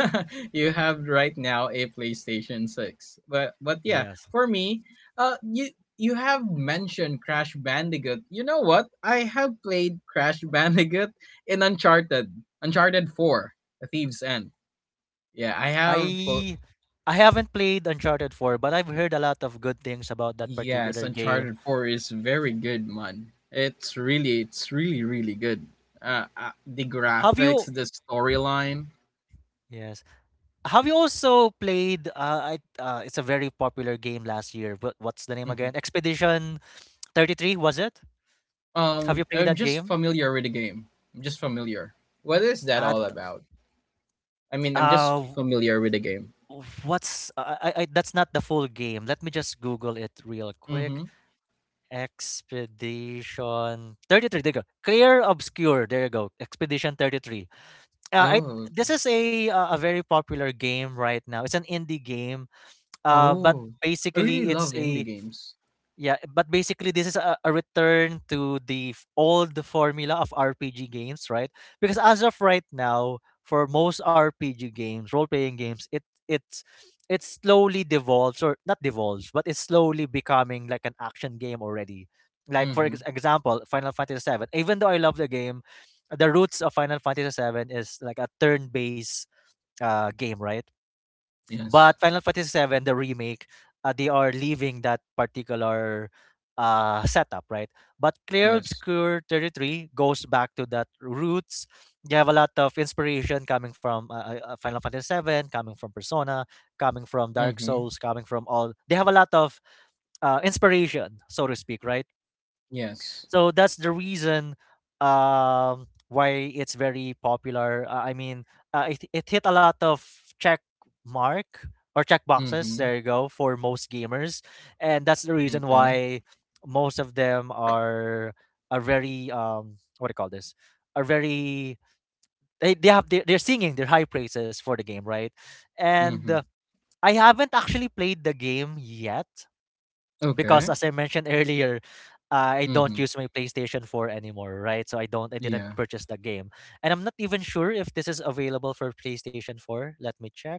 S2: you have right now a PlayStation 6. But yeah,
S1: yes,
S2: for me, you, you have mentioned Crash Bandicoot. You know what? I have played Crash Bandicoot in Uncharted, Uncharted 4, The Thieves End. Yeah, I have.
S1: I I haven't played Uncharted 4, but I've heard a lot of good things about that
S2: Yes,
S1: particular game.
S2: Uncharted 4 is very good, man. It's really, really good. The
S1: Have
S2: graphics,
S1: you?
S2: the storyline.
S1: Yes. Have you also played it's a very popular game last year. What what's the name
S2: Mhm.
S1: again? Expedition 33, was it? Have you played
S2: I'm
S1: that
S2: just
S1: game?
S2: familiar with the game. I'm just familiar. What is that all
S1: Th-
S2: about? I mean, I'm just
S1: uh
S2: familiar with the game.
S1: w- what's I- That's not the full game. Let me just Google it real quick.
S2: Mm-hmm.
S1: Expedition 33. There you go. Clear Obscure. There you go. Expedition 33. I
S2: Oh,
S1: This is a, a very popular game right now. It's an indie game. But
S2: oh. I really
S1: basically it's
S2: love indie
S1: a
S2: games.
S1: Yeah, but basically this is a return to the old formula of RPG games, right? Because as of right now, for most RPG games, role-playing games, it's it slowly devolves, or not devolves, but it's slowly becoming like an action game already. Like for
S2: Mm-hmm.
S1: example, Final Fantasy VII. Even though I love the game, the roots of Final Fantasy VII is like a turn-based game, right?
S2: Yes.
S1: But Final Fantasy 7, the remake, they are leaving that particular setup, right? But Clear
S2: Yes.
S1: Obscure 33 goes back to that roots. You have a lot of inspiration coming from Final Fantasy 7, coming from Persona, coming from Dark
S2: Mm-hmm.
S1: Souls, coming from all. They have a lot of inspiration, so to speak, right?
S2: Yes.
S1: So that's the reason why it's very popular. I mean, it hit a lot of check mark or check boxes.
S2: Mm-hmm.
S1: There you go, for most gamers, and that's the reason
S2: Okay.
S1: why most of them are very, what do you call this? Are very, they have they they're singing their high praises for the game, right? And
S2: Mm-hmm.
S1: I haven't actually played the game yet, because
S2: Okay.
S1: as I mentioned earlier, I don't
S2: Mm-hmm.
S1: use my PlayStation 4 anymore, right? I didn't
S2: Yeah.
S1: purchase the game. And I'm not even sure if this is available for PlayStation 4. Let me check.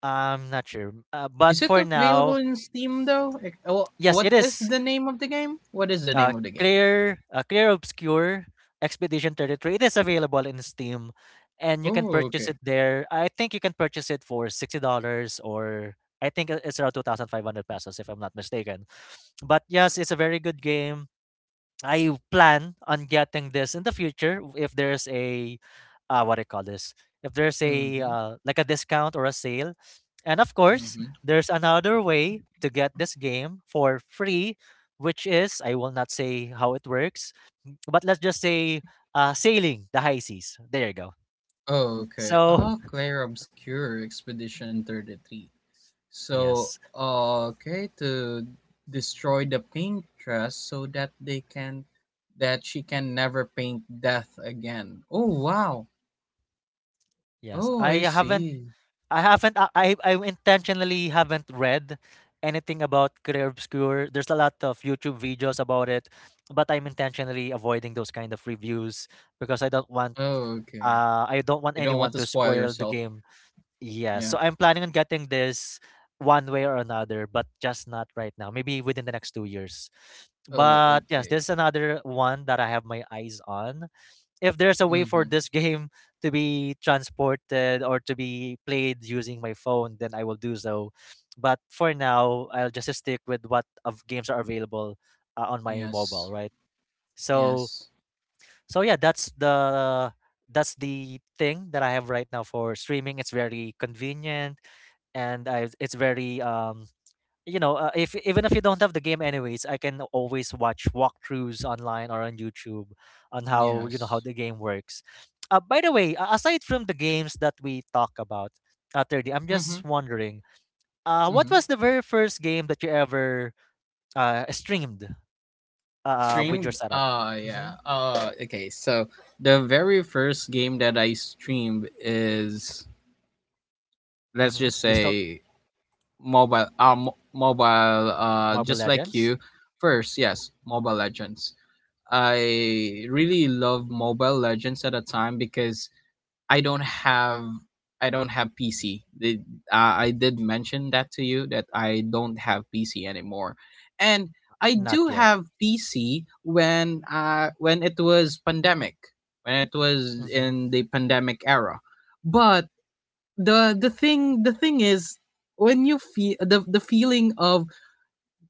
S1: I'm not sure. But
S2: Is it
S1: for
S2: available
S1: now,
S2: in Steam though? Like,
S1: yes,
S2: what
S1: it
S2: is
S1: is.
S2: the name of the game? What is the
S1: Uh,
S2: name of the game?
S1: Clear Obscure Expedition 33. It is available in Steam, and you can
S2: Oh,
S1: purchase it
S2: okay.
S1: there. I think you can purchase it for $60, or I think it- it's around 2,500 pesos, if I'm not mistaken. But yes, it's a very good game. I plan on getting this in the future if there's a, what I call this, if there's a
S2: Mhm.
S1: like a discount or a sale, and of course
S2: Mhm.
S1: there's another way to get this game for free, which is I will not say how it works, but let's just say sailing the high seas. There you go.
S2: Oh, okay.
S1: So
S2: Ah, Clair Obscure Expedition 33. So,
S1: yes,
S2: okay, to destroy the paintress so that they can that she can never paint death again. Oh, wow.
S1: yes,
S2: Oh, I see.
S1: I haven't. I I intentionally haven't read anything about career obscure. There's a lot of YouTube videos about it, but I'm intentionally avoiding those kind of reviews because I don't want.
S2: Oh, okay.
S1: I don't want
S2: You don't
S1: anyone
S2: want to
S1: to
S2: spoil
S1: spoil the
S2: yourself.
S1: game. Yeah, so
S2: Yeah.
S1: I'm planning on getting this one way or another, but just not right now. Maybe within the next 2 years.
S2: Oh,
S1: But yes, there's
S2: okay.
S1: another one that I have my eyes on if there's a way for
S2: Mhm.
S1: this game to be transported or to be played using my phone, then I will do so. But for now, I'll just stick with what of games are available on my mobile,
S2: Yes.
S1: right? So,
S2: Yes.
S1: so yeah, that's the thing that I have right now for streaming. It's very convenient, and I, it's very you know, if even if you don't have the game anyways, I can always watch walkthroughs online or on YouTube on how, you know, how
S2: Yes.
S1: the game works. By the way, aside from the games that we talk about, I'm
S2: Mm-hmm.
S1: just wondering, what
S2: Mm-hmm.
S1: was the very first game that you ever streamed with your
S2: Streamed.
S1: setup? Mm-hmm.
S2: Yeah. Okay. So the very first game that I streamed is, let's
S1: Mm-hmm.
S2: just
S1: You still.
S2: say, mobile. Mobile.
S1: Marvel
S2: Just like
S1: Legends?
S2: you. First, yes, Mobile Legends. I really love Mobile Legends at a time, because I don't have I don't have PC. I did mention that to you that I don't have PC anymore, and I
S1: Not
S2: do
S1: yet.
S2: have PC when it was pandemic, when it was
S1: Mm-hmm.
S2: in the pandemic era. But the thing, the thing is, when you feel the feeling of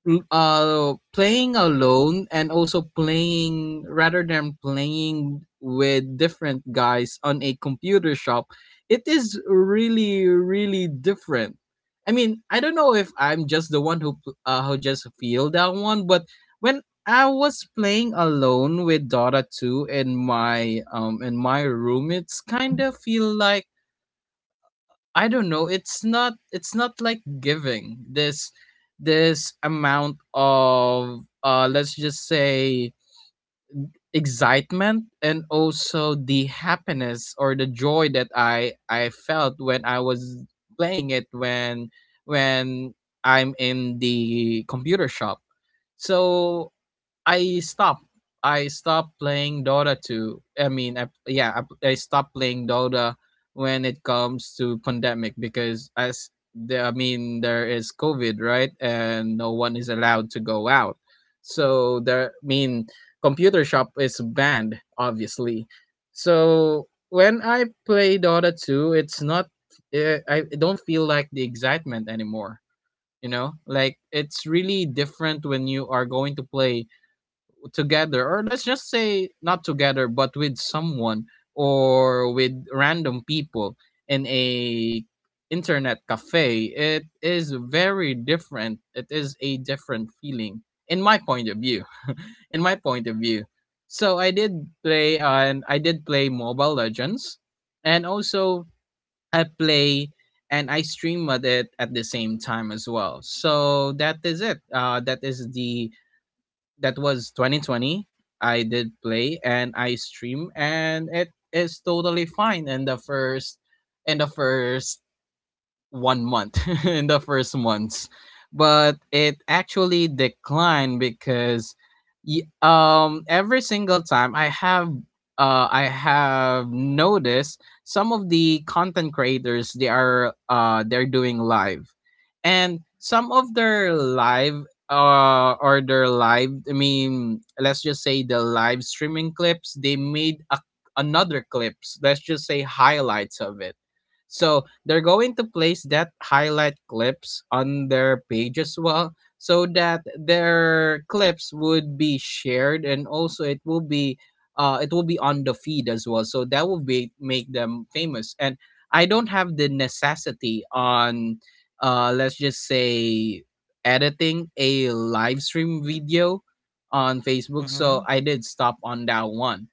S2: playing alone, and also playing rather than playing with different guys on a computer shop, it is really, really different. I mean, I don't know if I'm just the one who who just feel that one. But when I was playing alone with Dota 2 in my room, it's kind of feel like I don't know. It's not, it's not like giving this this amount of let's just say excitement and also the happiness or the joy that I felt when I was playing it when I'm in the computer shop. So I stopped. I stopped playing Dota 2. I mean, yeah, I stopped playing Dota when it comes to pandemic, because as the, I mean, there is COVID, right? And no one is allowed to go out. So there, I mean, computer shop is banned, obviously. So when I play Dota 2, it's not, eh, I don't feel like the excitement anymore. You know, like it's really different when you are going to play together, or let's just say not together but with someone or with random people in a internet cafe. It is very different. It is a different feeling, in my point of view. In my point of view. So I did play and I did play Mobile Legends, and also I play and I stream at it at the same time as well. So that is it, that is the that was 2020. I did play and I stream, and it is totally fine in the first 1 month. In the first months. But it actually declined because every single time I have noticed some of the content creators, they are they're doing live, and some of their live I mean, let's just say the live streaming clips, they made another clips, let's just say highlights of it. So they're going to place that highlight clips on their page as well, so that their clips would be shared, and also it will be on the feed as well, so that will be make them famous. And I don't have the necessity on let's just say editing a live stream video on Facebook. So
S1: Mm-hmm.
S2: I did stop on that one.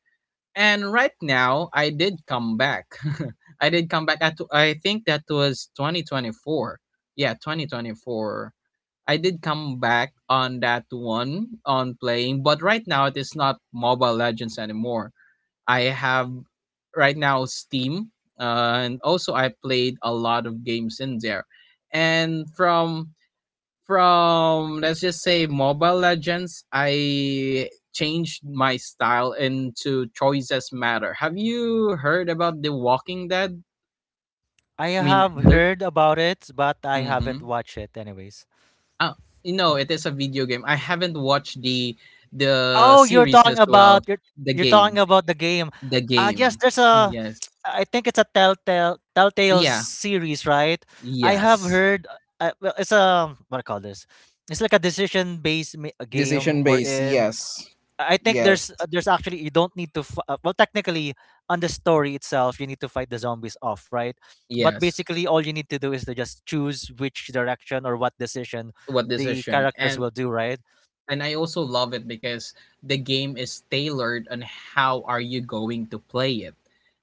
S2: And right now, I did come back. I did come back at I think that was 2024. Yeah, 2024. I did come back on that one on playing, but right now it is not Mobile Legends anymore. I have right now Steam, and also I played a lot of games in there. And from, let's just say, Mobile Legends, I changed my style into choices matter. Have you heard about The Walking Dead?
S1: I
S2: I mean,
S1: have
S2: there.
S1: heard about it, but I
S2: Mm-hmm.
S1: haven't watched it anyways.
S2: Ah, no, it is a video game. I haven't watched the
S1: Oh, you're
S2: series
S1: talking
S2: as well.
S1: about
S2: The
S1: you're talking
S2: game.
S1: about the game.
S2: The
S1: Yes,
S2: game.
S1: there's a
S2: Yes.
S1: I think it's a Telltale
S2: Yeah.
S1: series, right? I have
S2: Yes.
S1: heard, well, it's a, what do you call this? It's like a decision-based a game
S2: Decision based,
S1: wherein
S2: yes.
S1: I think
S2: Yes.
S1: there's actually you don't need to well technically on the story itself you need to fight the zombies off, right? But
S2: Yes.
S1: basically all you need to do is to just choose which direction or what decision
S2: What
S1: the
S2: decision
S1: characters
S2: and
S1: will do, right?
S2: And I also love it because the game is tailored on how are you going to play it.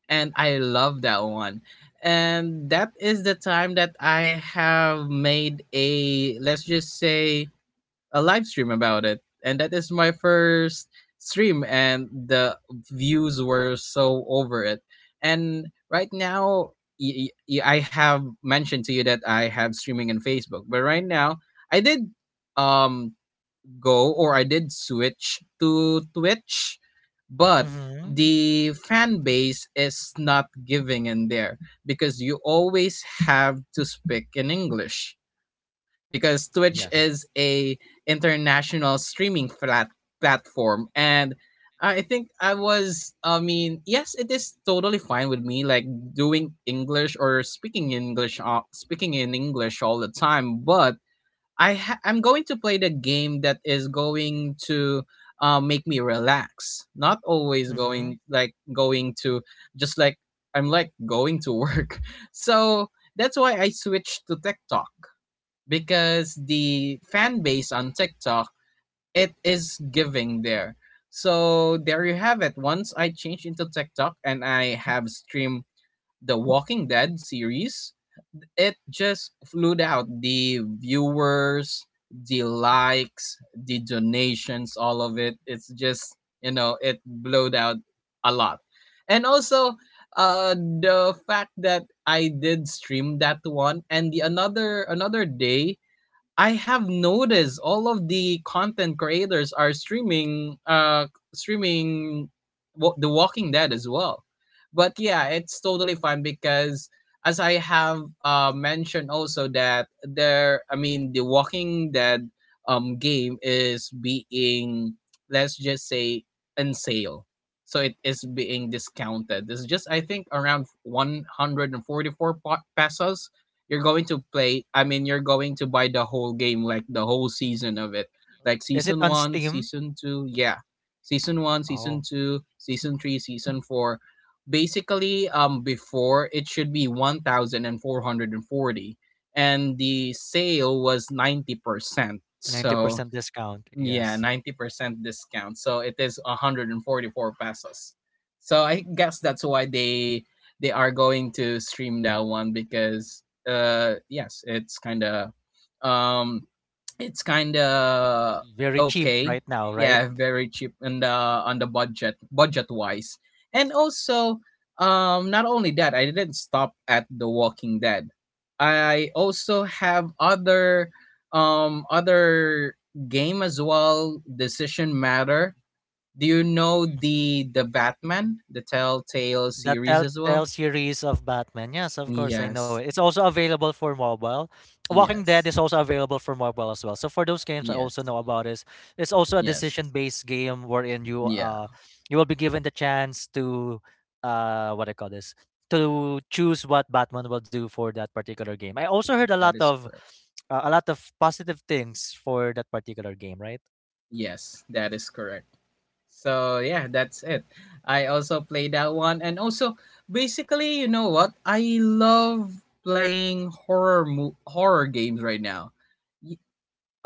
S2: And I love that one. And that is the time that I have made, a let's just say, a live stream about it. And that is my first stream, and the views were so over it. And right now, I have mentioned to you that I have streaming on Facebook, but right now I did um go, or I did switch to Twitch, but
S1: Mhm.
S2: the fan base is not giving in there, because you always have to speak in English, because Twitch
S1: Yes.
S2: is a international streaming flat platform. And I think I mean, yes, it is totally fine with me, like doing English or speaking English, speaking in English all the time. But I'm going to play the game that is going to make me relax. Not always
S1: Mhm.
S2: going like going to just like I'm like going to work. So that's why I switched to TikTok, because the fan base on TikTok, it is giving there. So there you have it. Once I changed into TikTok and I have streamed the Walking Dead series, it just flew out the viewers, the likes, the donations, all of it. It's just, you know, it blowed out a lot. And also, the fact that I did stream that one, and the another day, I have noticed all of the content creators are streaming streaming The Walking Dead as well. But yeah, it's totally fun because as I have mentioned also that there I mean The Walking Dead game is being, let's just say, in sale. So it is being discounted. It's just I think around 144 pesos you're going to play. I mean you're going to buy the whole game, like the whole season of it, like
S1: Is it
S2: season
S1: on
S2: one,
S1: Steam?
S2: season two, yeah, season one, season
S1: Oh,
S2: two, season three, season four. Basically, before it should be 1440 and 440, and the sale was 90%.
S1: ninety
S2: So
S1: percent discount.
S2: yeah,
S1: Yes.
S2: 90% discount. So it is 144 pesos. So I guess that's why they are going to stream that one because yes, it's kind of, um it's kind of
S1: Very cheap
S2: okay.
S1: right now, right?
S2: Yeah, very cheap on the budget, budget wise. And also, not only that, I didn't stop at The Walking Dead. I also have other, um other game as well, Decision Matter. Do you know the Batman, the Telltale
S1: The
S2: series as well?
S1: Telltale series of Batman. Yes, of course, I know it.
S2: Yes.
S1: It's also available for mobile. Walking Dead
S2: Yes.
S1: is also available for mobile as well. So for those games, I
S2: Yes.
S1: also know about is it's also a
S2: Yes.
S1: decision-based game wherein you
S2: Yeah,
S1: uh you will be given the chance to what I call this to choose what Batman will do for that particular game. I also heard
S2: that is correct.
S1: a lot of positive things for that particular game, right?
S2: Yes, that is correct. So yeah, that's it. I also play that one, and also basically, you know what? I love playing horror games right now.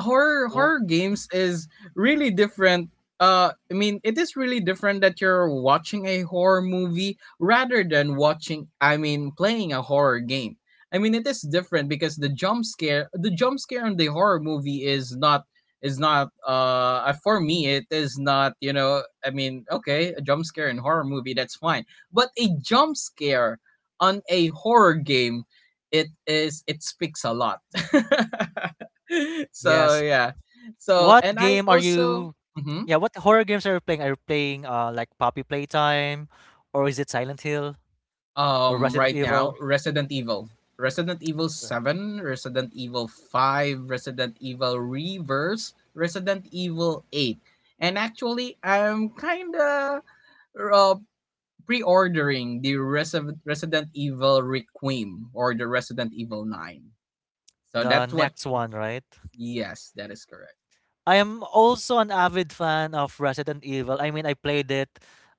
S2: horror
S1: Oh,
S2: horror games is really different. I mean it is really different that you're watching a horror movie rather than watching, I mean playing a horror game. I mean, it is different because the jump scare in the horror movie is not, for me it is not, you know, I mean, okay, a jump scare in horror movie, that's fine. But a jump scare on a horror game, it speaks a lot. So
S1: yes.
S2: yeah. So
S1: What
S2: and I
S1: game are
S2: also,
S1: you?
S2: mhm,
S1: Yeah, what horror games are you playing? Are you playing like Poppy Playtime, or is it Silent Hill or Resident
S2: right now
S1: Evil?
S2: Resident Evil, Resident Evil
S1: Uh,
S2: Seven, Resident Evil Five, Resident Evil Reverse, Resident Evil Eight, and actually I'm kinda, uh, pre-ordering the Resident Evil Requiem or the Resident Evil Nine. So
S1: The
S2: that's what.
S1: next one, right?
S2: Yes, that is correct.
S1: I am also an avid fan of Resident Evil. I mean, I played it.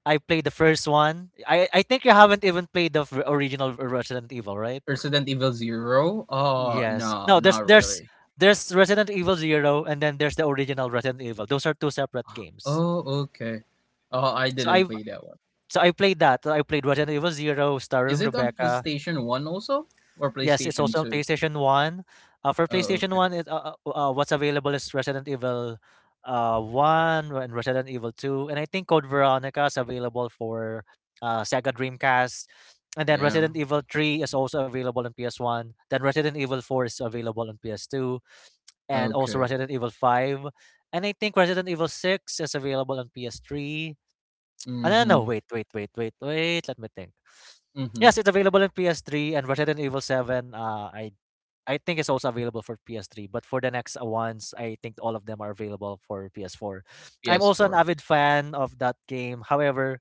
S1: I played the first one. I think you haven't even played the original Resident Evil, right?
S2: Resident Evil Zero. Oh
S1: Yes.
S2: no,
S1: No,
S2: not really.
S1: there's Resident Evil Zero and then there's the original Resident Evil. Those are two separate games.
S2: Oh, okay. Oh, I
S1: So
S2: didn't
S1: I
S2: play that one.
S1: So I played that. I played Resident Evil Zero, starring
S2: Is it on
S1: Rebecca.
S2: PlayStation 1 also? Or
S1: Yes, it's also
S2: PlayStation
S1: on
S2: 2?
S1: PlayStation One. For
S2: Oh,
S1: PlayStation
S2: okay.
S1: One, what's available is Resident Evil One and Resident Evil Two, and I think Code Veronica is available for Sega Dreamcast, and then
S2: Yeah.
S1: Resident Evil Three is also available on PS One. Then Resident Evil Four is available on PS Two, and also
S2: Okay.
S1: Resident Evil Five, and I think Resident Evil Six is available on PS Three. Ah, no, no, no,
S2: Mm-hmm.
S1: wait, wait, wait, wait, wait, let me think.
S2: Mm-hmm.
S1: Yes, it's available in PS3 and Resident Evil 7. I think it's also available for PS3, but for the next ones, I think all of them are available for PS4. I'm also an
S2: PS4.
S1: avid fan of that game. However,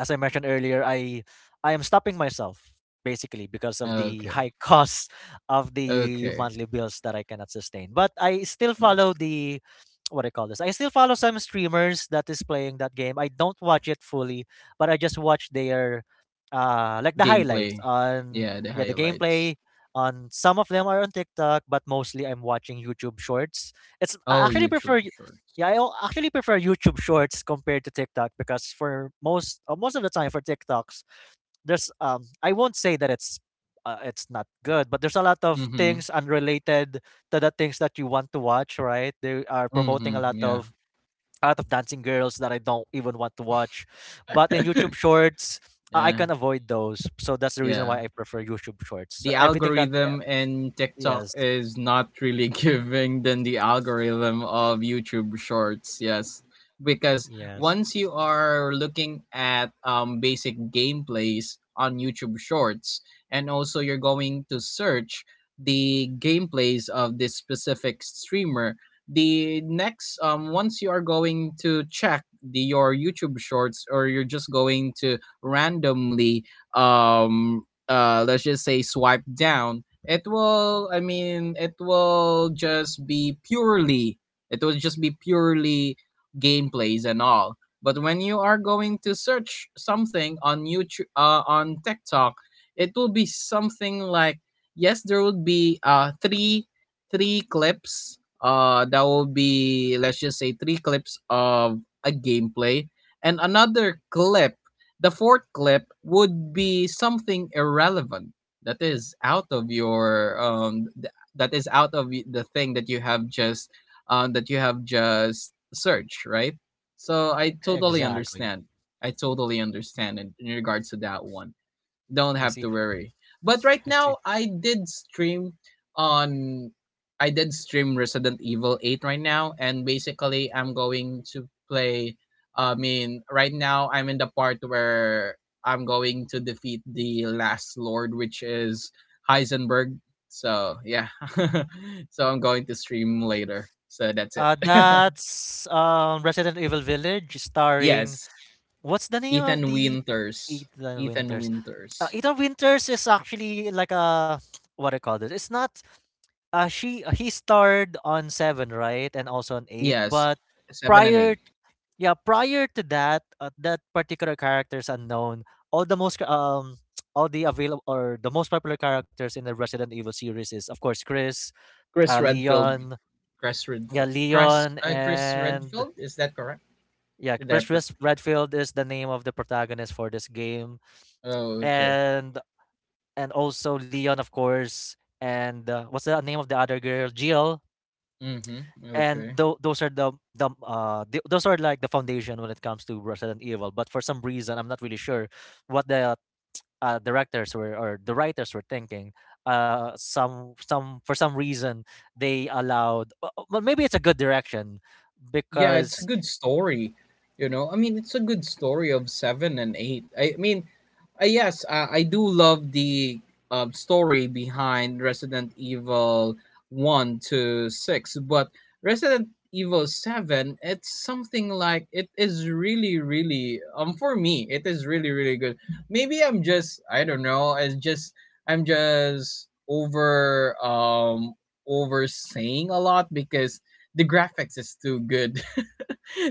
S1: as I mentioned earlier, I am stopping myself basically because of the
S2: Okay.
S1: high costs of the
S2: Okay.
S1: monthly bills that I cannot sustain. But I still
S2: Yes.
S1: follow the what do I call this. I still follow some streamers that is playing that game. I don't watch it fully, but I just watch their like the highlights
S2: Gameplay.
S1: on,
S2: Yeah, the
S1: yeah, the
S2: highlights.
S1: gameplay on. Some of them are on TikTok, but mostly I'm watching YouTube shorts. It's
S2: Oh,
S1: I actually
S2: YouTube
S1: prefer,
S2: Shorts.
S1: yeah, I actually prefer YouTube Shorts compared to TikTok because for most most of the time for TikToks, there's I won't say that it's not good, but there's a lot of
S2: Mm-hmm.
S1: things unrelated to the things that you want to watch, right? They are promoting a
S2: Mm-hmm.
S1: lot
S2: Yeah.
S1: of dancing girls that I don't even want to watch, but in YouTube Shorts, I
S2: Yeah.
S1: can avoid those. So that's the reason why
S2: Yeah,
S1: I prefer YouTube Shorts. So
S2: the
S1: everything that
S2: algorithm in TikTok
S1: yes,
S2: is not really giving than the algorithm of YouTube Shorts. Yes, because once
S1: yes,
S2: you are looking at, basic gameplays on YouTube Shorts, and also you're going to search the gameplays of this specific streamer. The next, once you are going to check the your YouTube Shorts, or you're just going to randomly, um let's just say, swipe down, it will just be purely, it will just be purely gameplays and all. But when you are going to search something on youtube on TikTok, it will be something like, yes, there would be three clips, that will be, let's just say, three clips of a gameplay, and another clip, the fourth clip would be something irrelevant that is out of your, that is out of the thing that you have just, that you have just searched, right? So I totally
S1: exactly.
S2: understand. I totally understand in regards to that one. Don't
S1: I
S2: have
S1: see.
S2: to worry. But right
S1: I see.
S2: now, I did stream on. I did stream Resident Evil 8 right now, and basically, I'm going to play. I mean, right now, I'm in the part where I'm going to defeat the last lord, which is Heisenberg. So, yeah. So, I'm going to stream later. So, that's it.
S1: That's Resident Evil Village, starring
S2: Yes,
S1: what's the name of
S2: Ethan
S1: the
S2: Winters.
S1: Ethan
S2: Ethan
S1: Winters?
S2: Winters.
S1: Ethan Winters is actually like a what I call this. It's not. She He starred on Seven, right, and also on Eight.
S2: Yes,
S1: But
S2: 7 and 8.
S1: prior, yeah, prior to that, that particular character is unknown. All the most All the available or the most popular characters in the Resident Evil series is, of course, Chris,
S2: Chris Redfield.
S1: Leon,
S2: Chris
S1: yeah,
S2: Redfield.
S1: Leon
S2: Chris
S1: and
S2: Redfield, is that correct?
S1: yeah,
S2: Did I?
S1: Chris
S2: Pr-
S1: Redfield is the name of the protagonist for this game,
S2: oh, okay.
S1: and and also Leon, of course, and what's the name of the other girl, Jill.
S2: Mm-hmm.
S1: And
S2: Okay.
S1: those are those are like the foundation when it comes to Resident Evil. But for some reason, I'm not really sure what the directors were or the writers were thinking. Some For some reason they allowed. Well, maybe it's a good direction
S2: Yeah, it's a
S1: because
S2: good story. You know, I mean, it's a good story of seven and eight. I mean, yes, I do love the, story behind Resident Evil 1 to 6, but Resident Evil 7, it's something like it is really, really, for me, it is really, really good. Maybe I'm just, I don't know, it's just, I'm just over, over saying a lot because the graphics is too good.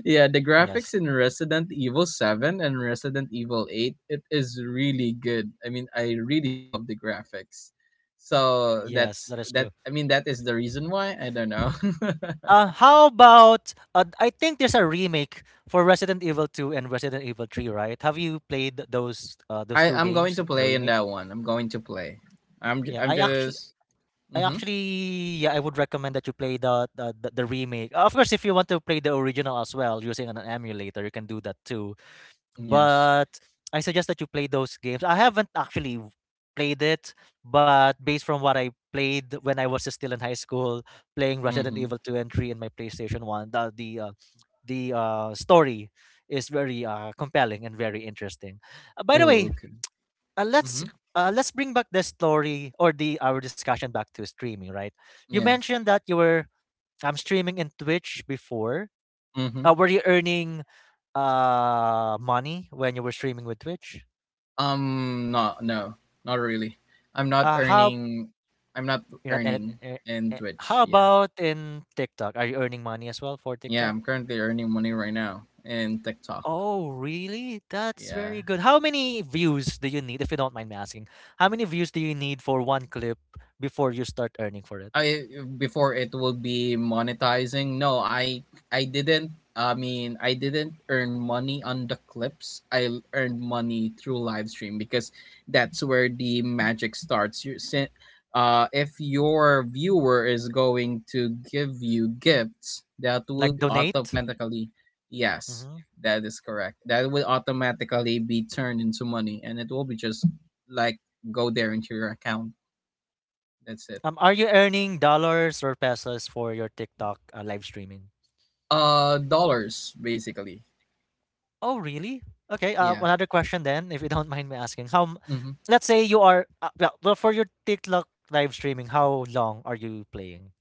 S2: Yeah, the graphics
S1: yes,
S2: in Resident Evil 7 and Resident Evil 8, it is really good. I mean, I really love the graphics. So
S1: yes,
S2: that's
S1: that is true.
S2: that, I mean, that is the reason why, I don't know.
S1: How about I think there's a remake for Resident Evil 2 and Resident Evil 3, right? Have you played those
S2: I
S1: two
S2: I'm going
S1: games,
S2: to
S1: the
S2: play in
S1: remake?
S2: that one. I'm going to play.
S1: Yeah,
S2: I'm just,
S1: I
S2: mhm.
S1: actually, yeah, I would recommend that you play the remake. Of course, if you want to play the original as well using an emulator, you can do that too.
S2: Yes.
S1: But I suggest that you play those games. I haven't actually played it, but based from what I played when I was still in high school, playing Resident
S2: Mhm.
S1: Evil 2 and 3 in my PlayStation 1, the story is very compelling and very interesting. By the
S2: Oh,
S1: way,
S2: okay.
S1: uh, let's
S2: Mhm.
S1: let's bring back the story or the our discussion back to streaming, right? You
S2: Yeah.
S1: mentioned that you were streaming in Twitch before.
S2: Mhm.
S1: Were you earning money when you were streaming with Twitch?
S2: Not no, not really. I'm not
S1: How
S2: earning, I'm not
S1: You're not
S2: earning in
S1: how
S2: Twitch. Yeah.
S1: about in TikTok? Are you earning money as well for
S2: Yeah,
S1: TikTok?
S2: I'm currently earning money right now in TikTok.
S1: Oh, really? That's
S2: Yeah,
S1: very good. How many views do you need, if you don't mind me asking? How many views do you need for one clip before you start earning for it?
S2: I, before it will be monetizing. No, I didn't. I mean, I didn't earn money on the clips. Earned money through live stream because that's where the magic starts. If your viewer is going to give you gifts, that
S1: Like
S2: would
S1: donate?
S2: automatically, yes,
S1: Hmm.
S2: that is correct. That will automatically be turned into money, and it will be just like go there into your account. That's it.
S1: Are you earning dollars or pesos for your TikTok live streaming?
S2: Dollars basically.
S1: Oh, really? Okay.
S2: Yeah.
S1: Another question then, if you don't mind me asking,
S2: Hmm.
S1: let's say you are for your TikTok live streaming. How long are you playing?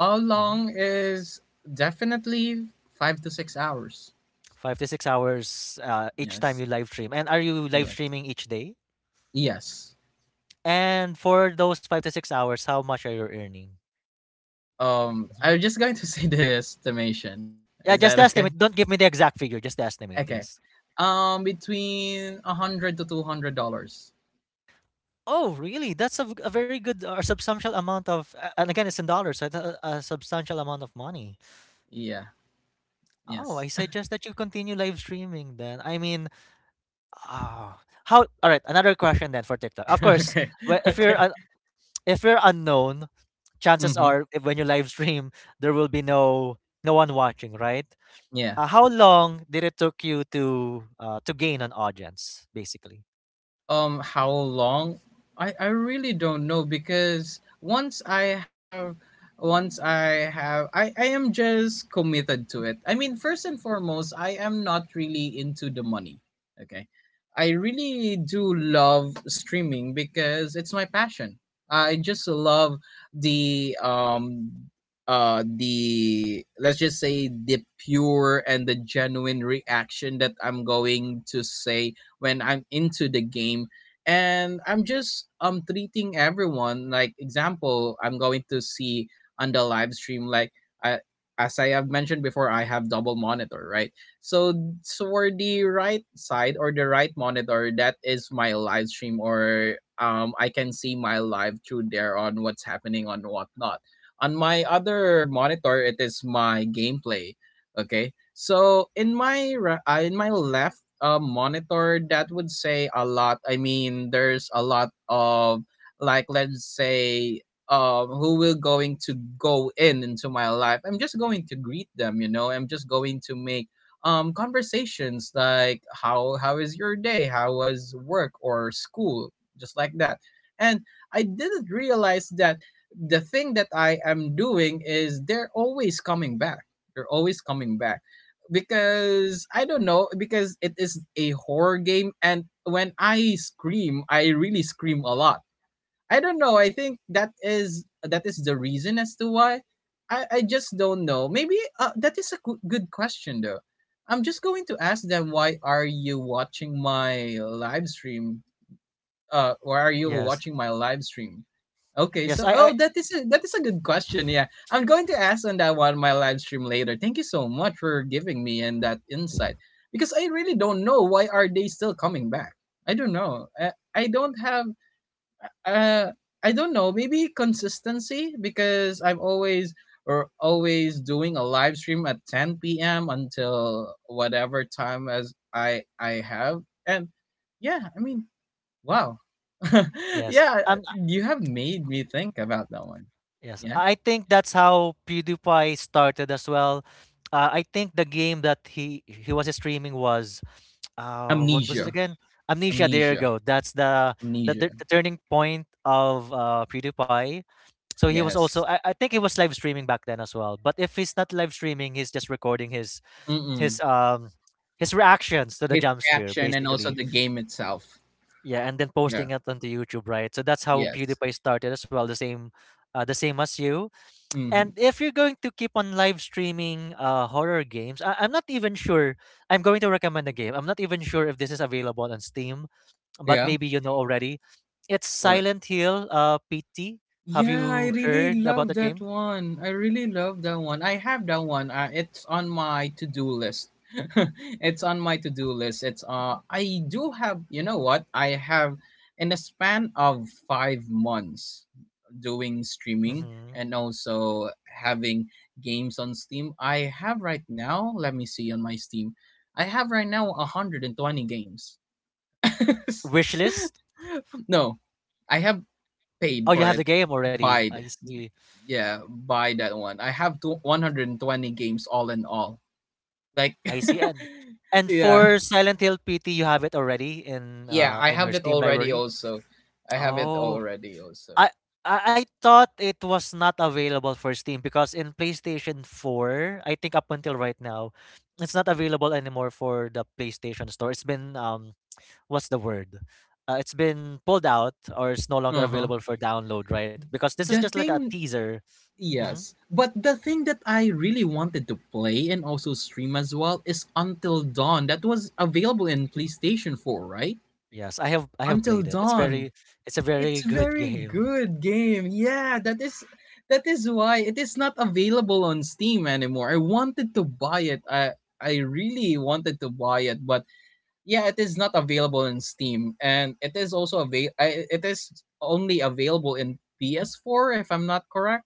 S2: How
S1: Mhm.
S2: long is, definitely, 5 to 6 hours.
S1: 5 to 6 hours each time
S2: Yes.
S1: you live stream. And are you live
S2: Yes.
S1: streaming each day?
S2: Yes.
S1: And for those 5 to 6 hours, how much are you earning? Mhm.
S2: I'm just going to say the estimation.
S1: Yeah,
S2: Is
S1: just
S2: that okay?
S1: estimate. Don't give me the exact figure. Just estimate.
S2: Okay.
S1: Yes.
S2: Between $100 to $200.
S1: Oh, really? That's a, a very good or substantial amount of, and again, it's in dollars, so it's a substantial amount of money.
S2: Yeah.
S1: Oh,
S2: Yes.
S1: I suggest that you continue live streaming then. I mean, ah, how? All right, another question then for TikTok. Of course,
S2: Okay.
S1: wh- if you're
S2: Okay.
S1: uh, if you're unknown, chances
S2: Mm-hmm.
S1: are if when you live stream, there will be no one watching, right?
S2: Yeah.
S1: How long did it took you to gain an audience, basically?
S2: How long? I really don't know because once I have, once I have I am just committed to it. I mean, first and foremost, I am not really into the money. Okay. I really do love streaming because it's my passion. I just love the, the, let's just say, the pure and the genuine reaction that I'm going to say when I'm into the game, and I'm just, treating everyone like, example, I'm going to see on the live stream, like, I, as I have mentioned before, I have double monitor, right? So, so for the right side or the right monitor, that is my live stream, or I can see my live through there on what's happening on whatnot. On my other monitor, it is my gameplay. Okay. So in in my left, monitor, that would say a lot. I mean, there's a lot of, like, let's say, who will going to go in into my life. I'm just going to greet them. You know, I'm just going to make, conversations, like, how is your day? How was work or school? Just like that. And I didn't realize that the thing that I am doing is they're always coming back, they're always coming back because I don't know, because it is a horror game, and when I scream, I really scream a lot. I don't know. I think that is the reason as to why. I just don't know. Maybe, that is a good question though. I'm just going to ask them, why are you watching my live stream? Why are you
S1: Yes,
S2: watching my live stream? Okay,
S1: yes,
S2: so
S1: I
S2: oh, that is a good question. Yeah, I'm going to ask on that one my live stream later. Thank you so much for giving me and that insight, because I really don't know why are they still coming back. I don't know. I don't have, uh I don't know. Maybe consistency, because I'm always, or always doing a live stream at 10 p.m. until whatever time as I have, and yeah, I mean, wow.
S1: yes.
S2: Yeah, you have made me think about that one.
S1: Yes,
S2: Yeah.
S1: I think that's how PewDiePie started as well. I think the game that he was streaming was what was it
S2: Amnesia.
S1: again? Amnesia. There you
S2: Amnesia.
S1: go. That's the
S2: Amnesia.
S1: the turning point of PewDiePie. So he was also
S2: Yes.
S1: I think he was live streaming back then as well. But if he's not live streaming, he's just recording
S2: Mm-mm.
S1: his um his reactions to the
S2: His
S1: jump scare
S2: reaction and also
S1: basically.
S2: the game itself.
S1: Yeah, and then
S2: Yeah.
S1: posting it onto YouTube, right? So that's how
S2: Yes.
S1: PewDiePie started as well. The same as you,
S2: Mm-hmm.
S1: and if you're going to keep on live streaming horror games, I'm not even sure. I'm going to recommend a game. I'm not even sure if this is available on Steam, but
S2: Yeah.
S1: maybe you know already. It's
S2: What?
S1: Silent Hill PT. Have
S2: Yeah,
S1: you
S2: I
S1: heard
S2: really
S1: about that
S2: love
S1: game?
S2: that one. I really love that one. I have that one. It's on my to-do list. It's on my to-do list. It's, I do have, you know what? I have, in a span of 5 months, doing streaming
S1: Mm-hmm.
S2: and also having games on Steam. I have right now, let me see on my Steam. I have right now 120 games.
S1: Wishlist?
S2: No, I have
S1: Oh,
S2: paid
S1: you
S2: for
S1: have
S2: it.
S1: the game already.
S2: Buy,
S1: I see.
S2: yeah, buy that one. I have two, 120 games all in all. Like,
S1: I see. And
S2: yeah,
S1: for Silent Hill PT, you have it already
S2: yeah, I
S1: in your
S2: have it
S1: Steam
S2: already.
S1: library.
S2: Also, I have it
S1: Oh,
S2: already. Also,
S1: I I I thought it was not available for Steam because in PlayStation 4, I think up until right now, it's not available anymore for the PlayStation Store. It's been what's the word? It's been pulled out or it's no longer
S2: uh huh.
S1: available for download, right? Because this is
S2: The
S1: just like a
S2: thing,
S1: teaser. Hmm.
S2: yes, but the thing that I really wanted to play and also stream as well is Until Dawn. That was available in PlayStation 4, right?
S1: Yes, I have
S2: Until
S1: played it. It's
S2: Dawn.
S1: very it's a very
S2: It's
S1: good
S2: very
S1: game.
S2: good game. Yeah, that is, that is why it is not available on Steam anymore. I wanted to buy it. I really wanted to buy it, but yeah, it is not available in Steam, and it is also avail, it is only available in PS4 if I'm not correct.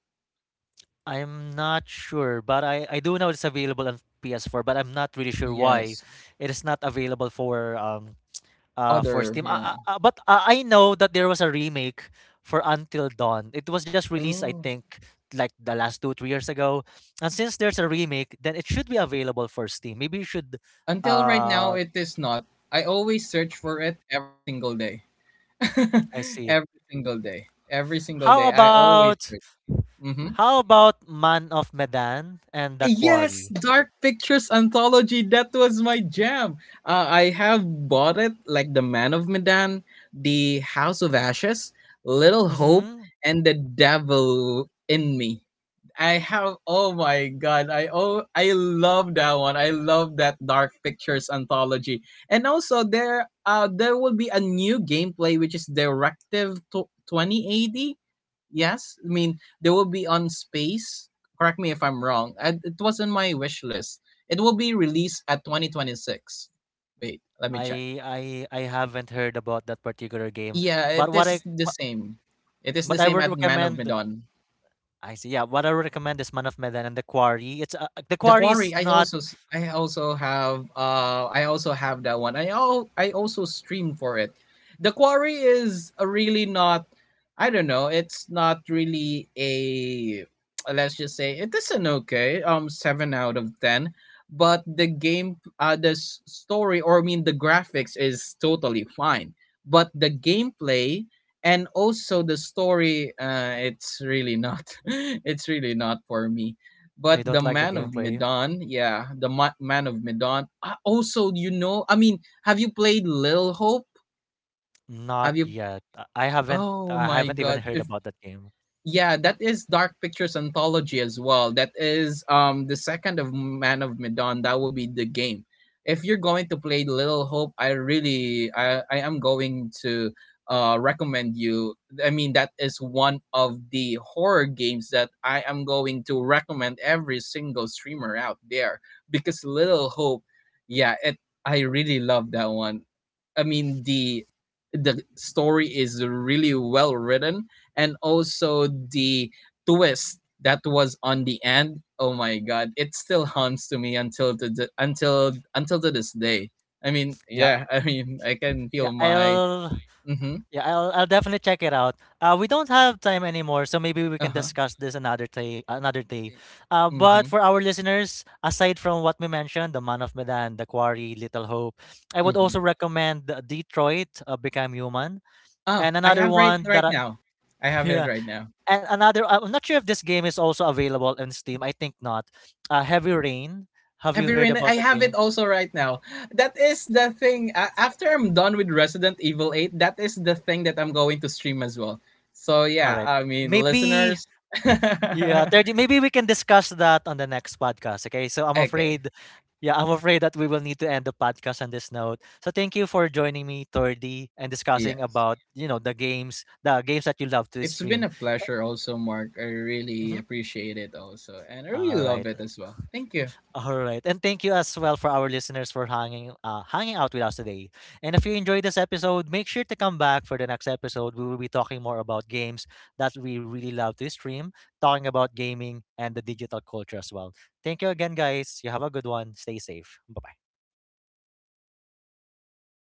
S1: I'm not sure, but I do know it's available on PS4, but I'm not really sure why
S2: Yes.
S1: it is not available for
S2: Other,
S1: Steam.
S2: yeah.
S1: But I know that there was a remake for Until Dawn. It was just released, I
S2: Oh.
S1: think, like the last 2 3 years ago. And since there's a remake, then it should be available for Steam. Maybe you should.
S2: Until right now,
S1: Uh,
S2: it is not. I always search for it every single day.
S1: I see.
S2: Every single day. Every single
S1: How
S2: day. I always
S1: about
S2: search. Hmm.
S1: Man of Medan and The
S2: Yes,
S1: Quarry?
S2: Dark Pictures Anthology. That was my jam. I have bought it, like The Man of Medan, The House of Ashes, Little Hope,
S1: Mm-hmm.
S2: and The Devil in Me. I have, oh my god, I, oh, I love that one. I love that Dark Pictures Anthology. And also there, there will be a new gameplay, which is 2080. Yes, I mean they will be on space, correct me if I'm wrong, and it was in my wish list. It will be released at 2026. Wait, let me check.
S1: I I I haven't heard about that particular game.
S2: Yeah,
S1: But
S2: it
S1: what I
S2: is the
S1: but,
S2: same,
S1: but I would
S2: at Man of
S1: recommend,
S2: Medan.
S1: I see, yeah, what I would recommend is Man of Medan and The Quarry. It's The
S2: The
S1: Quarry is
S2: Quarry, I
S1: not.
S2: I also have, I also have that one. I also stream for it. The Quarry is a really not, I don't know, it's not really a, let's just say it is an okay, 7 out of 10, but the game, story, or I mean the graphics is totally fine, but the gameplay and also the story, it's really not, it's really not for me. But
S1: I don't
S2: the
S1: like the
S2: Man of
S1: gameplay.
S2: Medan, yeah, the Man of Medan, I also, you know, I mean, have you played lil Hope?
S1: Not
S2: Have you,
S1: yet.
S2: oh
S1: I
S2: my
S1: haven't even
S2: god,
S1: heard
S2: if,
S1: about that game.
S2: yeah, that is Dark Pictures Anthology as well. That is, the second of Man of Medan. That will be the game. If you're going to play Little Hope, I really, I am going to, recommend you. I mean, that is one of the horror games that I am going to recommend every single streamer out there, because Little Hope, yeah, it, I really love that one. I mean, the story is really well written, and also the twist that was on the end, oh my god, it still haunts to me until to this day. I mean,
S1: Yeah.
S2: yeah, I mean, I can
S1: Yeah,
S2: feel my,
S1: I'll
S2: mm-hmm.
S1: Yeah, I'll definitely check it out. We don't have time anymore, so maybe we can
S2: Uh-huh.
S1: discuss this another day. Another day.
S2: Eh, mm-hmm.
S1: But for our listeners, aside from what we mentioned, the Man of Medan, the Quarry, Little Hope, I would also
S2: Mm-hmm.
S1: recommend the Detroit: Become Human,
S2: Oh,
S1: and
S2: I
S1: another
S2: have,
S1: one that
S2: right
S1: I
S2: now, I have it
S1: yeah,
S2: right now.
S1: and another. I'm not sure if this game is also available in Steam. I think not. Heavy Rain. Have
S2: Have
S1: you
S2: you
S1: heard
S2: read it? I
S1: about that
S2: have it
S1: game?
S2: also right now. That is the thing. After I'm done with Resident Evil 8, that is the thing that I'm going to stream as well. So,
S1: All
S2: yeah,
S1: right.
S2: I mean,
S1: Maybe,
S2: listeners.
S1: yeah, 30. Maybe we can discuss that on the next podcast. Okay. So I'm
S2: Okay,
S1: afraid, yeah, I'm afraid that we will need to end the podcast on this note. So thank you for joining me, 30, and discussing
S2: yes.
S1: about, you know, the games that you love to
S2: It's been
S1: stream.
S2: a pleasure also, Mark. I really
S1: Mhm.
S2: appreciate it also. And I
S1: All
S2: really
S1: right.
S2: love it as well. Thank you.
S1: All right. And thank you as well for our listeners for hanging hanging out with us today. And if you enjoyed this episode, make sure to come back for the next episode. We will be talking more about games that we really love to stream, talking about gaming and the digital culture as well. Thank you again, guys. You have a good one. Stay safe. Bye bye.